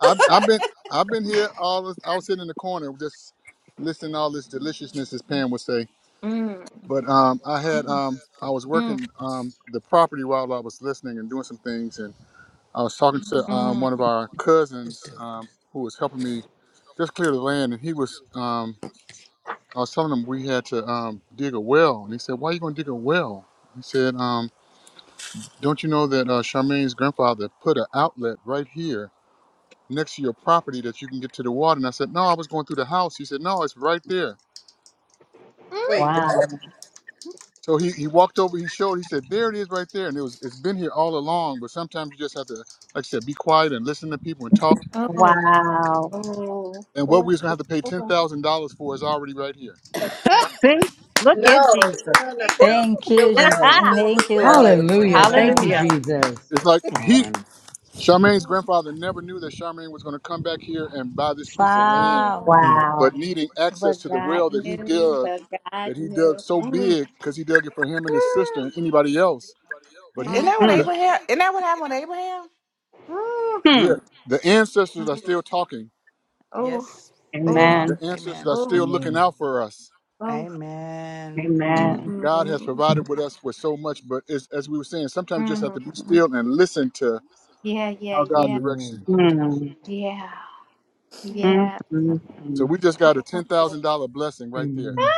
[SPEAKER 12] I, I've been I've been here all. This, I was sitting in the corner just listening to all this deliciousness, as Pam would say.
[SPEAKER 2] Mm,
[SPEAKER 12] But um, I had um, I
[SPEAKER 7] Do-
[SPEAKER 12] was
[SPEAKER 2] mm,
[SPEAKER 12] working um, the property while I was listening and doing some things, and I was talking to um, one of
[SPEAKER 2] mm.
[SPEAKER 12] our
[SPEAKER 7] Just do
[SPEAKER 12] cousins um,
[SPEAKER 7] it.
[SPEAKER 12] who was helping me just clear the land, and he was um, I was telling him we had to um, dig a well, and he said, "Why are you going to dig a well?" He said. Um, Don't you know that uh, Charmaine's grandfather put an outlet right here next to your property that you can get to the water? And I said, No, I was going through the house. He said, No, it's right there.
[SPEAKER 1] Wait.
[SPEAKER 4] Wow.
[SPEAKER 12] So he, he walked over, he showed, he said, There it is right there. And it was it's been here all along, but sometimes you just have to, like I said, be quiet and listen to people and talk.
[SPEAKER 2] Oh,
[SPEAKER 4] Wow.
[SPEAKER 2] oh, oh,
[SPEAKER 12] And what we
[SPEAKER 2] oh,
[SPEAKER 12] was gonna have to pay ten
[SPEAKER 2] oh.
[SPEAKER 12] thousand dollars for is already right here.
[SPEAKER 3] Wow.
[SPEAKER 2] Ah!
[SPEAKER 4] See? Look at
[SPEAKER 1] No.
[SPEAKER 4] Jesus.
[SPEAKER 1] No. No.
[SPEAKER 4] Woo.
[SPEAKER 1] No.
[SPEAKER 8] Thank
[SPEAKER 1] The
[SPEAKER 8] you,
[SPEAKER 3] Praise
[SPEAKER 1] well.
[SPEAKER 8] Jesus. And
[SPEAKER 1] The
[SPEAKER 3] the Lord.
[SPEAKER 1] the
[SPEAKER 8] thank you,
[SPEAKER 1] well is
[SPEAKER 3] Hallelujah.
[SPEAKER 8] Lord. Oh
[SPEAKER 1] twenty
[SPEAKER 8] my
[SPEAKER 10] hallelujah
[SPEAKER 1] five
[SPEAKER 10] thank
[SPEAKER 8] gosh.
[SPEAKER 10] you
[SPEAKER 4] Hallelujah.
[SPEAKER 1] thousand.
[SPEAKER 10] jesus
[SPEAKER 12] It's like
[SPEAKER 7] Come
[SPEAKER 12] he
[SPEAKER 7] on.
[SPEAKER 12] Charmaine's
[SPEAKER 2] Mm,
[SPEAKER 12] grandfather never knew that Charmaine was gonna come back here and buy this piece of land,
[SPEAKER 8] Wow.
[SPEAKER 2] oh.
[SPEAKER 7] Mm.
[SPEAKER 12] but
[SPEAKER 4] Wow.
[SPEAKER 12] needing access
[SPEAKER 2] But
[SPEAKER 12] to the
[SPEAKER 2] God
[SPEAKER 12] well that he
[SPEAKER 2] knew,
[SPEAKER 12] dug
[SPEAKER 2] but God
[SPEAKER 12] that he dug
[SPEAKER 2] knew.
[SPEAKER 12] so
[SPEAKER 2] Mm.
[SPEAKER 12] big because he dug it for him and his sister and
[SPEAKER 2] Mm.
[SPEAKER 12] anybody else. But
[SPEAKER 7] Isn't
[SPEAKER 12] he,
[SPEAKER 7] that what
[SPEAKER 2] Oh,
[SPEAKER 4] Mm.
[SPEAKER 12] the,
[SPEAKER 7] Abraham? Isn't that what happened with Abraham?
[SPEAKER 4] Hmm.
[SPEAKER 12] yeah, the ancestors are
[SPEAKER 2] oh.
[SPEAKER 12] still talking.
[SPEAKER 2] Oh,
[SPEAKER 7] Yes, they
[SPEAKER 2] oh,
[SPEAKER 7] are.
[SPEAKER 12] The
[SPEAKER 4] Amen.
[SPEAKER 12] ancestors
[SPEAKER 7] Amen.
[SPEAKER 12] are
[SPEAKER 2] oh,
[SPEAKER 12] still looking
[SPEAKER 10] Amen.
[SPEAKER 12] out for us.
[SPEAKER 2] oh.
[SPEAKER 7] Amen.
[SPEAKER 10] Mm,
[SPEAKER 4] Amen.
[SPEAKER 2] Mm,
[SPEAKER 12] God has provided with us with so much, but it's, as we were saying, sometimes you just have to be
[SPEAKER 2] mm.
[SPEAKER 12] still and listen to
[SPEAKER 2] Yeah, yeah,
[SPEAKER 12] how God
[SPEAKER 2] yeah,
[SPEAKER 12] directs
[SPEAKER 10] Amen.
[SPEAKER 12] you.
[SPEAKER 4] Mm.
[SPEAKER 2] yeah,
[SPEAKER 3] Mm,
[SPEAKER 4] Mm.
[SPEAKER 2] yeah.
[SPEAKER 4] Mm.
[SPEAKER 7] Mm.
[SPEAKER 12] So
[SPEAKER 4] Mm.
[SPEAKER 12] we just got a
[SPEAKER 2] Oh,
[SPEAKER 12] ten thousand dollar blessing right there.
[SPEAKER 10] Amen.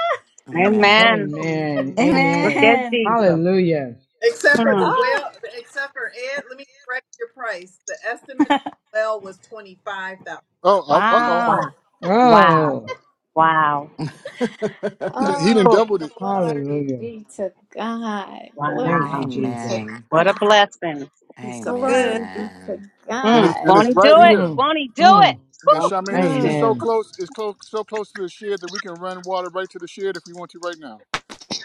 [SPEAKER 3] mm,
[SPEAKER 7] Amen.
[SPEAKER 4] Amen.
[SPEAKER 10] Amen.
[SPEAKER 11] Mm-hmm.
[SPEAKER 4] Look
[SPEAKER 10] Amen.
[SPEAKER 4] at
[SPEAKER 8] Amen.
[SPEAKER 4] Jesus.
[SPEAKER 10] Hallelujah.
[SPEAKER 1] Except for the
[SPEAKER 4] Hmm.
[SPEAKER 2] oh,
[SPEAKER 1] well, except for Ed, let me correct your price. The estimate on the well was twenty five thousand
[SPEAKER 12] Oh,
[SPEAKER 1] dollars.
[SPEAKER 12] uh oh,
[SPEAKER 4] Wow.
[SPEAKER 8] wow.
[SPEAKER 4] Wow.
[SPEAKER 10] Oh,
[SPEAKER 4] Wow.
[SPEAKER 12] he done- he done
[SPEAKER 4] Cool.
[SPEAKER 2] oh,
[SPEAKER 12] doubled it,
[SPEAKER 2] glory
[SPEAKER 10] hallelujah.
[SPEAKER 2] be to God.
[SPEAKER 10] Thank
[SPEAKER 2] Glory
[SPEAKER 10] you,
[SPEAKER 4] Wow.
[SPEAKER 2] be to
[SPEAKER 10] Jesus.
[SPEAKER 7] Amen.
[SPEAKER 4] What a
[SPEAKER 2] God.
[SPEAKER 4] blessing.
[SPEAKER 3] He's so good.
[SPEAKER 2] Glory be to
[SPEAKER 7] Amen.
[SPEAKER 12] and
[SPEAKER 4] Mm.
[SPEAKER 12] it's
[SPEAKER 2] God.
[SPEAKER 12] and
[SPEAKER 4] Won't
[SPEAKER 12] it's
[SPEAKER 4] he do
[SPEAKER 12] right
[SPEAKER 4] it?
[SPEAKER 12] here.
[SPEAKER 10] Mm,
[SPEAKER 4] Won't he do it?
[SPEAKER 10] mm.
[SPEAKER 12] And
[SPEAKER 3] Won't
[SPEAKER 4] Whew.
[SPEAKER 12] Charmaine is it's
[SPEAKER 2] Mm.
[SPEAKER 12] so
[SPEAKER 10] Amen.
[SPEAKER 12] close, it's close, so close to the shed that we can run water right to the shed if we want to right now.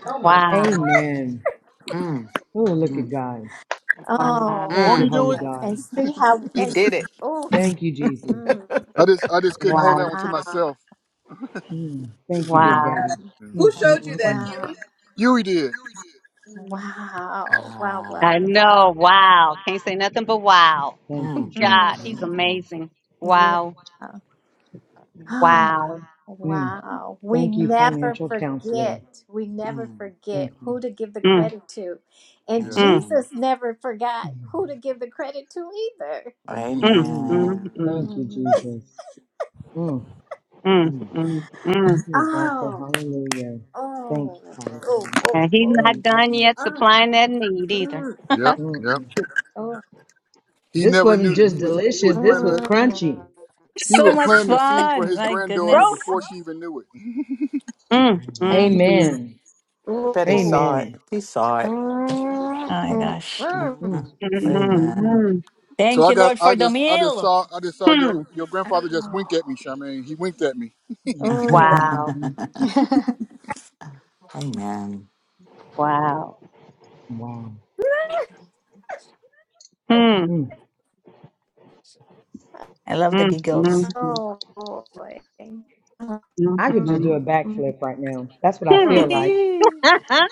[SPEAKER 1] Oh my
[SPEAKER 4] Wow.
[SPEAKER 10] Amen.
[SPEAKER 7] Mm,
[SPEAKER 10] Oh, look at
[SPEAKER 7] mm,
[SPEAKER 10] God.
[SPEAKER 4] Wow.
[SPEAKER 2] Oh,
[SPEAKER 10] Thank
[SPEAKER 12] Won't
[SPEAKER 10] you,
[SPEAKER 12] he
[SPEAKER 7] mm.
[SPEAKER 12] do
[SPEAKER 10] Holy
[SPEAKER 12] it?
[SPEAKER 2] wow. and
[SPEAKER 10] God.
[SPEAKER 2] see how,
[SPEAKER 7] He
[SPEAKER 2] and, s-
[SPEAKER 7] did it.
[SPEAKER 2] oh,
[SPEAKER 10] Thank you, Jesus.
[SPEAKER 2] mm,
[SPEAKER 12] I just I just couldn't hold
[SPEAKER 4] Wow.
[SPEAKER 12] that one to
[SPEAKER 2] wow,
[SPEAKER 12] myself.
[SPEAKER 10] Mm, thank you,
[SPEAKER 2] mm,
[SPEAKER 10] Big
[SPEAKER 4] Wow.
[SPEAKER 10] Daddy.
[SPEAKER 12] Mm.
[SPEAKER 1] Who
[SPEAKER 10] Mm, mm,
[SPEAKER 1] showed you
[SPEAKER 10] mm,
[SPEAKER 1] that,
[SPEAKER 10] mm.
[SPEAKER 2] wow,
[SPEAKER 1] Huey?
[SPEAKER 12] Huey did.
[SPEAKER 1] mm
[SPEAKER 2] wow, wow, wow,
[SPEAKER 7] ah.
[SPEAKER 4] I
[SPEAKER 2] wow.
[SPEAKER 4] know. Wow. Can't say nothing but wow.
[SPEAKER 10] Thank you,
[SPEAKER 7] Mm,
[SPEAKER 4] God,
[SPEAKER 10] Jesus.
[SPEAKER 7] mm,
[SPEAKER 4] he's
[SPEAKER 2] Mm.
[SPEAKER 7] mm,
[SPEAKER 4] amazing.
[SPEAKER 2] Yeah.
[SPEAKER 4] Wow.
[SPEAKER 2] Oh,
[SPEAKER 4] Wow.
[SPEAKER 10] Mm,
[SPEAKER 2] wow. We
[SPEAKER 10] thank you,
[SPEAKER 2] never
[SPEAKER 10] financial counselor.
[SPEAKER 2] forget. We never
[SPEAKER 7] mm.
[SPEAKER 2] forget
[SPEAKER 10] Thank you.
[SPEAKER 2] who to give the
[SPEAKER 4] Mm,
[SPEAKER 2] credit to. And
[SPEAKER 12] Yeah.
[SPEAKER 4] mm,
[SPEAKER 7] Amen.
[SPEAKER 2] Jesus never forgot
[SPEAKER 10] Mm,
[SPEAKER 2] who to give the credit to either.
[SPEAKER 12] hmm
[SPEAKER 4] mm,
[SPEAKER 10] Mm.
[SPEAKER 4] mm,
[SPEAKER 7] Amen.
[SPEAKER 4] mm,
[SPEAKER 10] thank you,
[SPEAKER 11] Mhm.
[SPEAKER 10] Jesus. Mm,
[SPEAKER 4] mm,
[SPEAKER 7] Mm.
[SPEAKER 4] mm, mm.
[SPEAKER 10] you just gotta say
[SPEAKER 2] Oh,
[SPEAKER 10] hallelujah. Thank
[SPEAKER 2] oh, oh,
[SPEAKER 10] you, Father God.
[SPEAKER 2] oh,
[SPEAKER 4] And he's
[SPEAKER 2] oh,
[SPEAKER 4] not
[SPEAKER 10] Mm, mm,
[SPEAKER 4] done
[SPEAKER 10] mm,
[SPEAKER 4] yet
[SPEAKER 2] oh,
[SPEAKER 4] supplying that need either.
[SPEAKER 2] mm,
[SPEAKER 12] Yep.
[SPEAKER 10] mm,
[SPEAKER 12] Yep.
[SPEAKER 10] mm.
[SPEAKER 2] oh,
[SPEAKER 12] He
[SPEAKER 10] This
[SPEAKER 12] never
[SPEAKER 10] wasn't
[SPEAKER 12] knew that he
[SPEAKER 10] just
[SPEAKER 12] was he was
[SPEAKER 10] delicious, this
[SPEAKER 12] planting
[SPEAKER 10] was
[SPEAKER 12] a
[SPEAKER 2] mm,
[SPEAKER 10] crunchy.
[SPEAKER 12] he
[SPEAKER 8] So
[SPEAKER 12] was
[SPEAKER 8] much
[SPEAKER 12] planting a seed for
[SPEAKER 8] fun.
[SPEAKER 12] his
[SPEAKER 8] My
[SPEAKER 12] granddaughter
[SPEAKER 4] Rhoda.
[SPEAKER 8] goodness.
[SPEAKER 12] before
[SPEAKER 8] Oh
[SPEAKER 12] she even knew it.
[SPEAKER 4] Mm, mm,
[SPEAKER 7] Amen.
[SPEAKER 4] mm,
[SPEAKER 10] Amen.
[SPEAKER 2] oh,
[SPEAKER 7] Bet he
[SPEAKER 2] oh,
[SPEAKER 7] saw it.
[SPEAKER 10] Amen.
[SPEAKER 7] He saw it.
[SPEAKER 2] mm,
[SPEAKER 8] my
[SPEAKER 2] mm,
[SPEAKER 8] gosh.
[SPEAKER 2] mm.
[SPEAKER 7] hmm
[SPEAKER 10] Mm, mm, mm,
[SPEAKER 4] mm,
[SPEAKER 7] Amen.
[SPEAKER 10] mm,
[SPEAKER 4] mm,
[SPEAKER 12] So
[SPEAKER 8] Thank
[SPEAKER 12] I
[SPEAKER 8] you,
[SPEAKER 12] got
[SPEAKER 8] Lord, for
[SPEAKER 12] I
[SPEAKER 8] the
[SPEAKER 12] just I just
[SPEAKER 8] meal.
[SPEAKER 12] saw I just saw
[SPEAKER 4] mm.
[SPEAKER 12] your your grandfather just wink at me, Charmaine. He winked at me.
[SPEAKER 2] Oh,
[SPEAKER 10] mm,
[SPEAKER 4] Wow.
[SPEAKER 10] mhm.
[SPEAKER 7] Amen.
[SPEAKER 4] Wow.
[SPEAKER 10] Wow.
[SPEAKER 4] Hmm.
[SPEAKER 10] Mm.
[SPEAKER 8] I love the
[SPEAKER 4] Mm, mm,
[SPEAKER 8] giggles.
[SPEAKER 4] mm,
[SPEAKER 2] oh, oh, boy. Mm.
[SPEAKER 4] mm,
[SPEAKER 10] I could just do
[SPEAKER 4] mm.
[SPEAKER 10] a
[SPEAKER 2] mm,
[SPEAKER 10] backflip right now. That's what I feel
[SPEAKER 8] thank
[SPEAKER 4] Hmm.
[SPEAKER 10] like.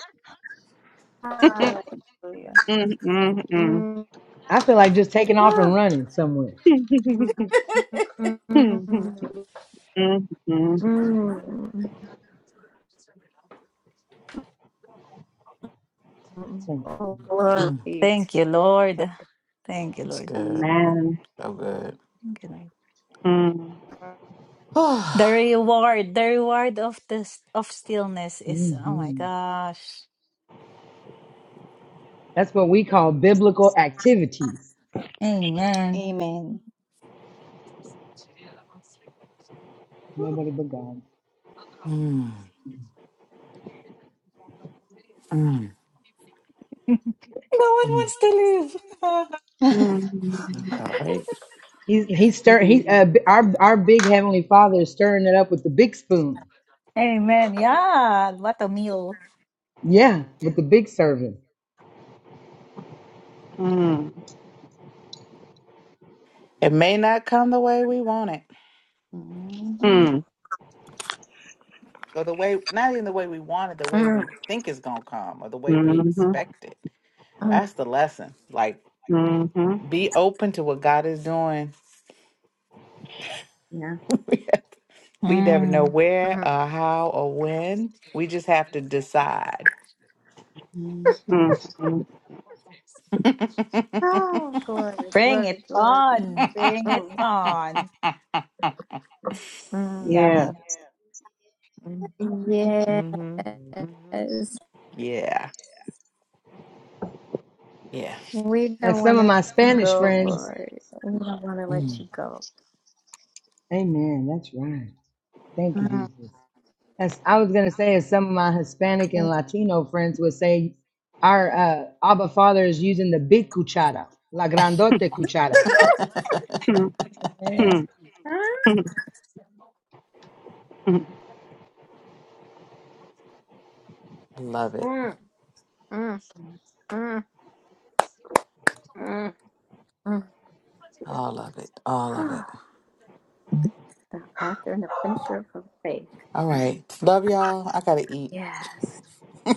[SPEAKER 2] Hallelujah.
[SPEAKER 4] Mm, mm, mm.
[SPEAKER 2] Mm.
[SPEAKER 10] I feel like just taking off and
[SPEAKER 2] Ah.
[SPEAKER 10] running somewhere.
[SPEAKER 2] Mm.
[SPEAKER 4] Mm, mm, mm.
[SPEAKER 2] Mm.
[SPEAKER 10] Thank you.
[SPEAKER 2] Oh,
[SPEAKER 10] Father.
[SPEAKER 7] Mm.
[SPEAKER 2] glory to
[SPEAKER 8] you, Lord.
[SPEAKER 2] God.
[SPEAKER 8] Thank you,
[SPEAKER 7] It's
[SPEAKER 8] Lord.
[SPEAKER 7] good.
[SPEAKER 4] Man.
[SPEAKER 7] So good.
[SPEAKER 8] Thank you, Lord.
[SPEAKER 4] Mm,
[SPEAKER 8] The reward, the reward of this of stillness is oh my
[SPEAKER 10] hmm
[SPEAKER 8] gosh.
[SPEAKER 10] That's what we call biblical activities.
[SPEAKER 8] Amen.
[SPEAKER 11] Amen.
[SPEAKER 10] Nobody but God.
[SPEAKER 7] mm. Mm.
[SPEAKER 8] No one
[SPEAKER 7] Mm.
[SPEAKER 8] wants to live.
[SPEAKER 4] mm,
[SPEAKER 7] All right.
[SPEAKER 10] He's he's stir he uh,
[SPEAKER 4] mm,
[SPEAKER 10] b- our our big heavenly Father is stirring it up with the big spoon.
[SPEAKER 8] Amen. Yeah, what a meal.
[SPEAKER 10] Yeah, with the big servant.
[SPEAKER 7] It may not come the way we want it,
[SPEAKER 3] mhm,
[SPEAKER 4] mm,
[SPEAKER 7] or the way, not even the way we want it, the way
[SPEAKER 2] Mm.
[SPEAKER 7] we think it's going to come, or the way we
[SPEAKER 4] mm. Mhm,
[SPEAKER 7] expect it.
[SPEAKER 2] Mm.
[SPEAKER 7] That's the lesson. Like,
[SPEAKER 4] mhm,
[SPEAKER 7] be open to what God is doing
[SPEAKER 3] yeah.
[SPEAKER 7] we never know
[SPEAKER 8] Mm.
[SPEAKER 7] where
[SPEAKER 2] Mm.
[SPEAKER 7] or how or when. We just have to decide.
[SPEAKER 4] Hmm. mm.
[SPEAKER 2] Oh, glory,
[SPEAKER 8] Bring
[SPEAKER 2] glory,
[SPEAKER 8] it
[SPEAKER 2] glory.
[SPEAKER 8] on. Bring it
[SPEAKER 7] mm-hmm.
[SPEAKER 2] Oh,
[SPEAKER 8] on.
[SPEAKER 2] mm.
[SPEAKER 4] Yeah.
[SPEAKER 8] Yummy.
[SPEAKER 7] hmm
[SPEAKER 2] yes.
[SPEAKER 7] Yeah. Yeah.
[SPEAKER 2] We
[SPEAKER 10] And
[SPEAKER 2] don't want
[SPEAKER 10] some
[SPEAKER 2] to
[SPEAKER 10] of my
[SPEAKER 2] let you
[SPEAKER 10] Spanish
[SPEAKER 2] go,
[SPEAKER 10] friends,
[SPEAKER 2] Lord. We don't want to let
[SPEAKER 7] Mm,
[SPEAKER 2] you go.
[SPEAKER 10] amen, that's right. Thank you,
[SPEAKER 2] Mm.
[SPEAKER 10] Jesus. As I was going to say, as some of my Hispanic and Latino friends would say, our uh, Abba Father is using the big cuchara, la grandote cuchara.
[SPEAKER 4] Mm,
[SPEAKER 8] Amen.
[SPEAKER 4] mm,
[SPEAKER 2] Mm.
[SPEAKER 4] mm, mm,
[SPEAKER 7] love it.
[SPEAKER 2] Mm. Mm. Mm. Mm.
[SPEAKER 7] All of it. All of it.
[SPEAKER 2] the author and the finisher of her faith.
[SPEAKER 7] All right. Love y'all. I gotta eat.
[SPEAKER 2] Yes.
[SPEAKER 7] Bye.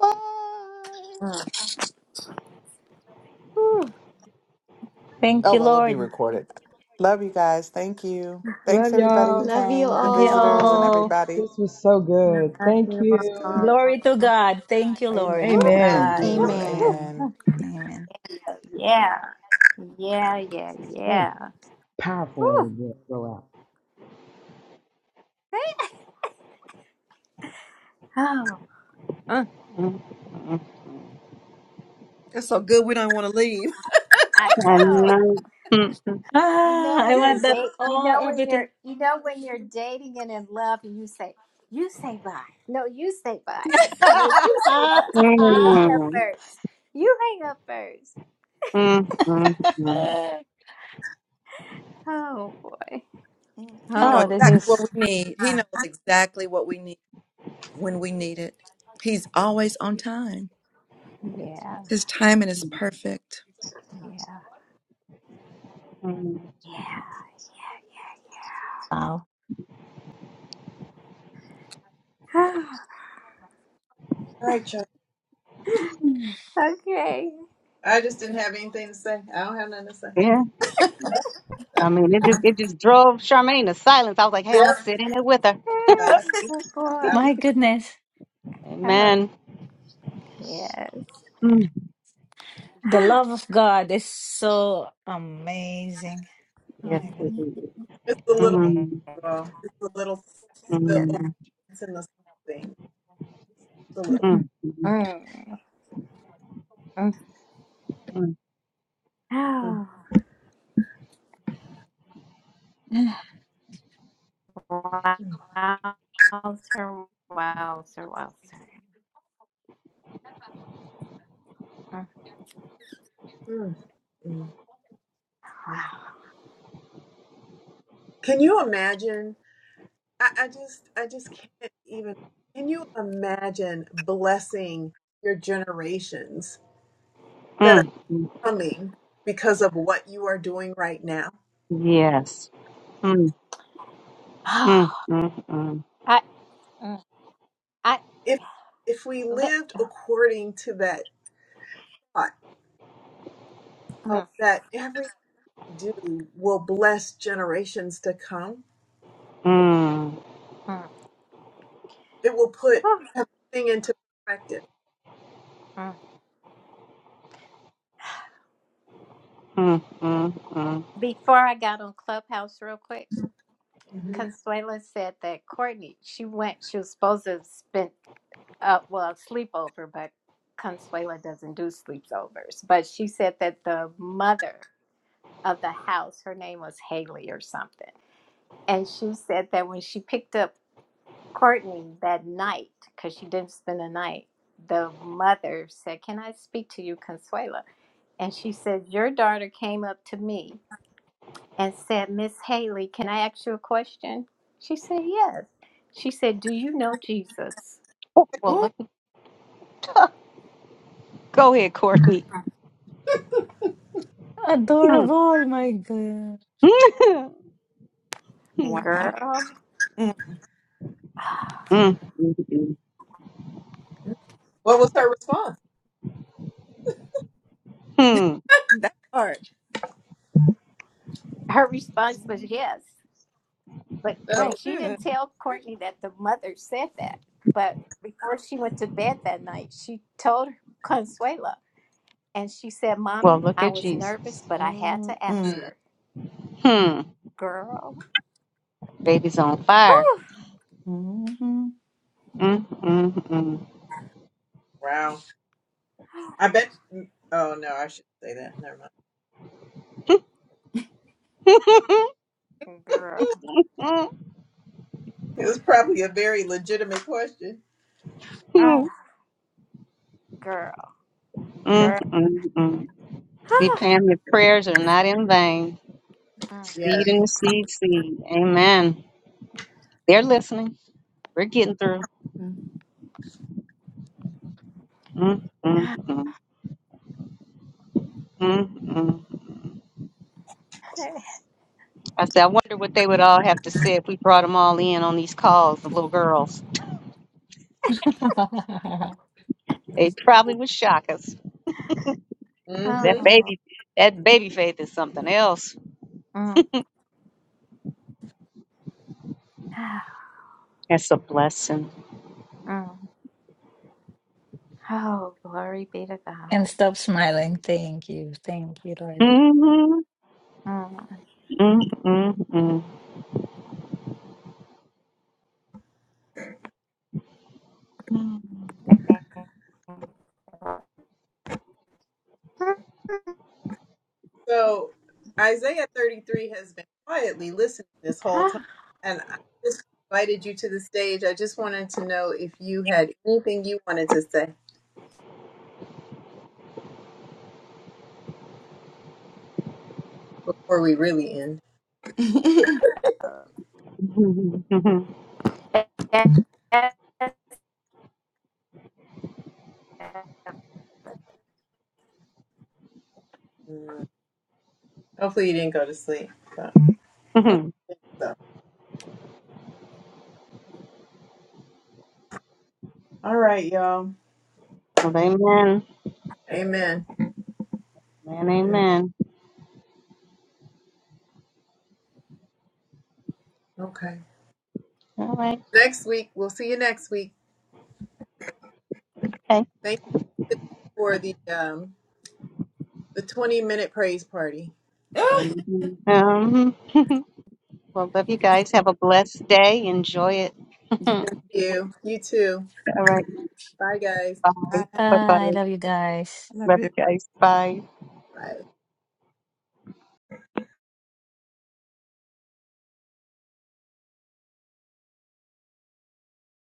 [SPEAKER 7] Oh,
[SPEAKER 2] Uh, whew.
[SPEAKER 8] Thank you,
[SPEAKER 7] well, it'll be
[SPEAKER 8] Lord.
[SPEAKER 7] recorded. Love you guys. Thank you. Thanks,
[SPEAKER 10] Love
[SPEAKER 7] everybody who
[SPEAKER 10] y'all.
[SPEAKER 11] Love you
[SPEAKER 7] came, the
[SPEAKER 8] Love you
[SPEAKER 7] visitors, and
[SPEAKER 11] all.
[SPEAKER 8] all.
[SPEAKER 7] everybody.
[SPEAKER 10] This was so
[SPEAKER 7] Bye.
[SPEAKER 10] good.
[SPEAKER 2] Love
[SPEAKER 10] Thank
[SPEAKER 2] you
[SPEAKER 7] It was
[SPEAKER 10] you.
[SPEAKER 2] all.
[SPEAKER 7] good.
[SPEAKER 8] Glory to God. Thank you,
[SPEAKER 2] Woo,
[SPEAKER 8] Lord.
[SPEAKER 7] Amen.
[SPEAKER 10] Amen.
[SPEAKER 7] Thank
[SPEAKER 8] Bye.
[SPEAKER 2] woo,
[SPEAKER 7] you.
[SPEAKER 11] Amen.
[SPEAKER 2] woo.
[SPEAKER 8] Amen.
[SPEAKER 7] Amen.
[SPEAKER 8] Amen.
[SPEAKER 2] Yeah. Yeah, yeah,
[SPEAKER 10] What a
[SPEAKER 2] yeah.
[SPEAKER 10] powerful way to
[SPEAKER 2] Woo.
[SPEAKER 10] go go out.
[SPEAKER 2] Oh, Mm.
[SPEAKER 4] mm, mm.
[SPEAKER 3] It's so good we don't want to leave.
[SPEAKER 2] I
[SPEAKER 4] I
[SPEAKER 2] know.
[SPEAKER 4] love. Mm,
[SPEAKER 2] You know
[SPEAKER 8] Ah, I
[SPEAKER 2] when you're
[SPEAKER 8] want
[SPEAKER 3] Just
[SPEAKER 8] that
[SPEAKER 2] date. You
[SPEAKER 8] all
[SPEAKER 2] know when
[SPEAKER 8] everything.
[SPEAKER 2] you're. You know when you're dating and in love, and you say, "You say bye." No, you say bye. No, you say bye. You hang up first. You hang up first.
[SPEAKER 4] mm, mm, mm, mm,
[SPEAKER 2] Oh boy.
[SPEAKER 3] mm, he knows
[SPEAKER 8] oh,
[SPEAKER 2] Oh
[SPEAKER 8] this
[SPEAKER 3] exactly what
[SPEAKER 8] is
[SPEAKER 3] we need. He knows exactly what we need when we need it. He's always on time.
[SPEAKER 2] yeah.
[SPEAKER 3] His timing is perfect.
[SPEAKER 2] Yeah.
[SPEAKER 4] mm.
[SPEAKER 2] Yeah.
[SPEAKER 8] wow.
[SPEAKER 2] Yeah. Yeah.
[SPEAKER 1] alright Chuck.
[SPEAKER 8] Mm.
[SPEAKER 2] Ah, okay.
[SPEAKER 1] I just didn't have anything to say. I don't have nothing to say.
[SPEAKER 4] Yeah. I mean, it just it just drove Charmaine to silence. I was like, hey, I'm gonna
[SPEAKER 1] Yep.
[SPEAKER 4] sit in it with her.
[SPEAKER 1] I,
[SPEAKER 2] Yeah. Oh
[SPEAKER 1] I,
[SPEAKER 2] boy.
[SPEAKER 8] My goodness.
[SPEAKER 2] Oh
[SPEAKER 4] Amen.
[SPEAKER 2] yes.
[SPEAKER 4] Mm.
[SPEAKER 8] The
[SPEAKER 2] Ah,
[SPEAKER 8] love of God is so amazing. Oh
[SPEAKER 4] Yes.
[SPEAKER 8] my
[SPEAKER 4] it
[SPEAKER 8] God.
[SPEAKER 3] Mhm.
[SPEAKER 4] is.
[SPEAKER 1] it's the
[SPEAKER 8] Tell
[SPEAKER 1] little,
[SPEAKER 2] yes.
[SPEAKER 8] me.
[SPEAKER 4] Mm,
[SPEAKER 1] uh, it's the little,
[SPEAKER 4] mm,
[SPEAKER 1] the
[SPEAKER 2] Yes.
[SPEAKER 4] mm,
[SPEAKER 1] obedience and the thing. the little.
[SPEAKER 8] Mm-mm.
[SPEAKER 4] mm, mm,
[SPEAKER 2] Mm. Mm.
[SPEAKER 1] Mm,
[SPEAKER 2] Oh. Wow. Sir. Wow. Sir. Wow. Sir. Mm.
[SPEAKER 1] mm, mm.
[SPEAKER 2] Wow.
[SPEAKER 1] Can you imagine? I, I just I just can't even can you imagine blessing your generations that are
[SPEAKER 4] mm, mm.
[SPEAKER 1] coming because of what you are doing right now?
[SPEAKER 4] Yes. Mm,
[SPEAKER 2] Oh.
[SPEAKER 4] mm, mm, mm,
[SPEAKER 2] I. Mm. I.
[SPEAKER 1] If if we
[SPEAKER 2] Li-
[SPEAKER 1] lived according to that thought of
[SPEAKER 2] mm.
[SPEAKER 1] that everything we do will bless generations to come,
[SPEAKER 4] mm,
[SPEAKER 2] Mm.
[SPEAKER 1] it will put
[SPEAKER 2] Oh.
[SPEAKER 1] everything into perspective.
[SPEAKER 2] Mm.
[SPEAKER 4] mm, mm, mm.
[SPEAKER 2] Before I got on Clubhouse, real quick,
[SPEAKER 1] Mhm.
[SPEAKER 2] Consuela said that Courtney. She went. She was supposed to spend. uh, well, sleepover, but Consuela doesn't do sleepovers. But she said that the mother of the house, her name was Haley or something, and she said that when she picked up Courtney that night, because she didn't spend the night, the mother said, "Can I speak to you, Consuela?" And she said, "Your daughter came up to me and said, Miss Haley, can I ask you a question?" She said, "Yes." She said, "Do you know Jesus?"
[SPEAKER 4] Oh, well,
[SPEAKER 3] Oh
[SPEAKER 4] look. Go ahead, Courtney. Mm.
[SPEAKER 8] Adorable, my God.
[SPEAKER 3] wow,
[SPEAKER 2] Girl,
[SPEAKER 3] Mm,
[SPEAKER 4] Mm, mm, mm,
[SPEAKER 1] What was her response?
[SPEAKER 4] mm.
[SPEAKER 3] that part.
[SPEAKER 2] her response was
[SPEAKER 3] Mm.
[SPEAKER 2] yes. But
[SPEAKER 1] Oh,
[SPEAKER 3] Oh
[SPEAKER 2] but she
[SPEAKER 3] good.
[SPEAKER 2] didn't tell
[SPEAKER 3] good.
[SPEAKER 2] Courtney that the mother said that. But before she went to bed that night, she told Consuela, and she said,
[SPEAKER 4] Well,
[SPEAKER 2] "Mommy,
[SPEAKER 4] look
[SPEAKER 2] I
[SPEAKER 4] at
[SPEAKER 2] was
[SPEAKER 4] Jesus.
[SPEAKER 2] nervous, but I had
[SPEAKER 3] Mm,
[SPEAKER 2] to ask
[SPEAKER 1] hmm,
[SPEAKER 3] mm,
[SPEAKER 2] her,
[SPEAKER 4] Hmm.
[SPEAKER 2] girl,
[SPEAKER 4] Baby's on fire.
[SPEAKER 2] whew,
[SPEAKER 3] mhm.
[SPEAKER 4] Mm,
[SPEAKER 1] wow. I bet. Oh no, I should not say that. Never mind.
[SPEAKER 4] mm,
[SPEAKER 2] girl,
[SPEAKER 4] mm.
[SPEAKER 1] It was probably a very legitimate question.
[SPEAKER 2] ah,
[SPEAKER 4] Mm,
[SPEAKER 2] girl,
[SPEAKER 4] mm,
[SPEAKER 2] girl."
[SPEAKER 4] mm. See, Pam, your prayers are not in vain.
[SPEAKER 1] Yeah.
[SPEAKER 4] Seed in the seed, seed. Amen. They're listening. We're getting through. Mm, mm, mm, mm, mm. I said, I wonder what they would all have to say if we brought them all in on these calls, the little girls. They probably would shock us.
[SPEAKER 1] hmm
[SPEAKER 2] Mm.
[SPEAKER 4] That
[SPEAKER 2] Oh,
[SPEAKER 4] baby, that baby faith is something else.
[SPEAKER 2] oh,
[SPEAKER 4] That's a blessing.
[SPEAKER 2] Mm. oh, glory be to
[SPEAKER 8] and
[SPEAKER 2] God.
[SPEAKER 8] stop smiling. Thank you. Thank you, Lord.
[SPEAKER 4] Mm,
[SPEAKER 2] Mm.
[SPEAKER 4] mm, mm, mm.
[SPEAKER 1] So Isaiah 33 has been quietly listening this whole time. And I just invited you to the stage. I just wanted to know if you had anything you wanted to say before we really end.
[SPEAKER 3] Mm.
[SPEAKER 2] Yes.
[SPEAKER 1] Mm. Hopefully you didn't go to sleep. but- so. All right, y'all.
[SPEAKER 4] well, amen.
[SPEAKER 1] Amen.
[SPEAKER 4] And amen.
[SPEAKER 1] Okay.
[SPEAKER 4] All right.
[SPEAKER 1] Next week, we'll see you next week.
[SPEAKER 4] Okay.
[SPEAKER 1] Thank you for the um the 20 minute praise party.
[SPEAKER 3] Ah,
[SPEAKER 4] And, Um, well, love you guys. Have a blessed day. Enjoy it.
[SPEAKER 3] you
[SPEAKER 4] All
[SPEAKER 3] guys,
[SPEAKER 1] You. You too.
[SPEAKER 4] right.
[SPEAKER 1] Bye guys.
[SPEAKER 4] Bye.
[SPEAKER 3] I
[SPEAKER 4] Bye bye.
[SPEAKER 8] Ah, I love you guys.
[SPEAKER 3] love
[SPEAKER 4] Love
[SPEAKER 3] you.
[SPEAKER 4] you guys. Bye.
[SPEAKER 1] Bye.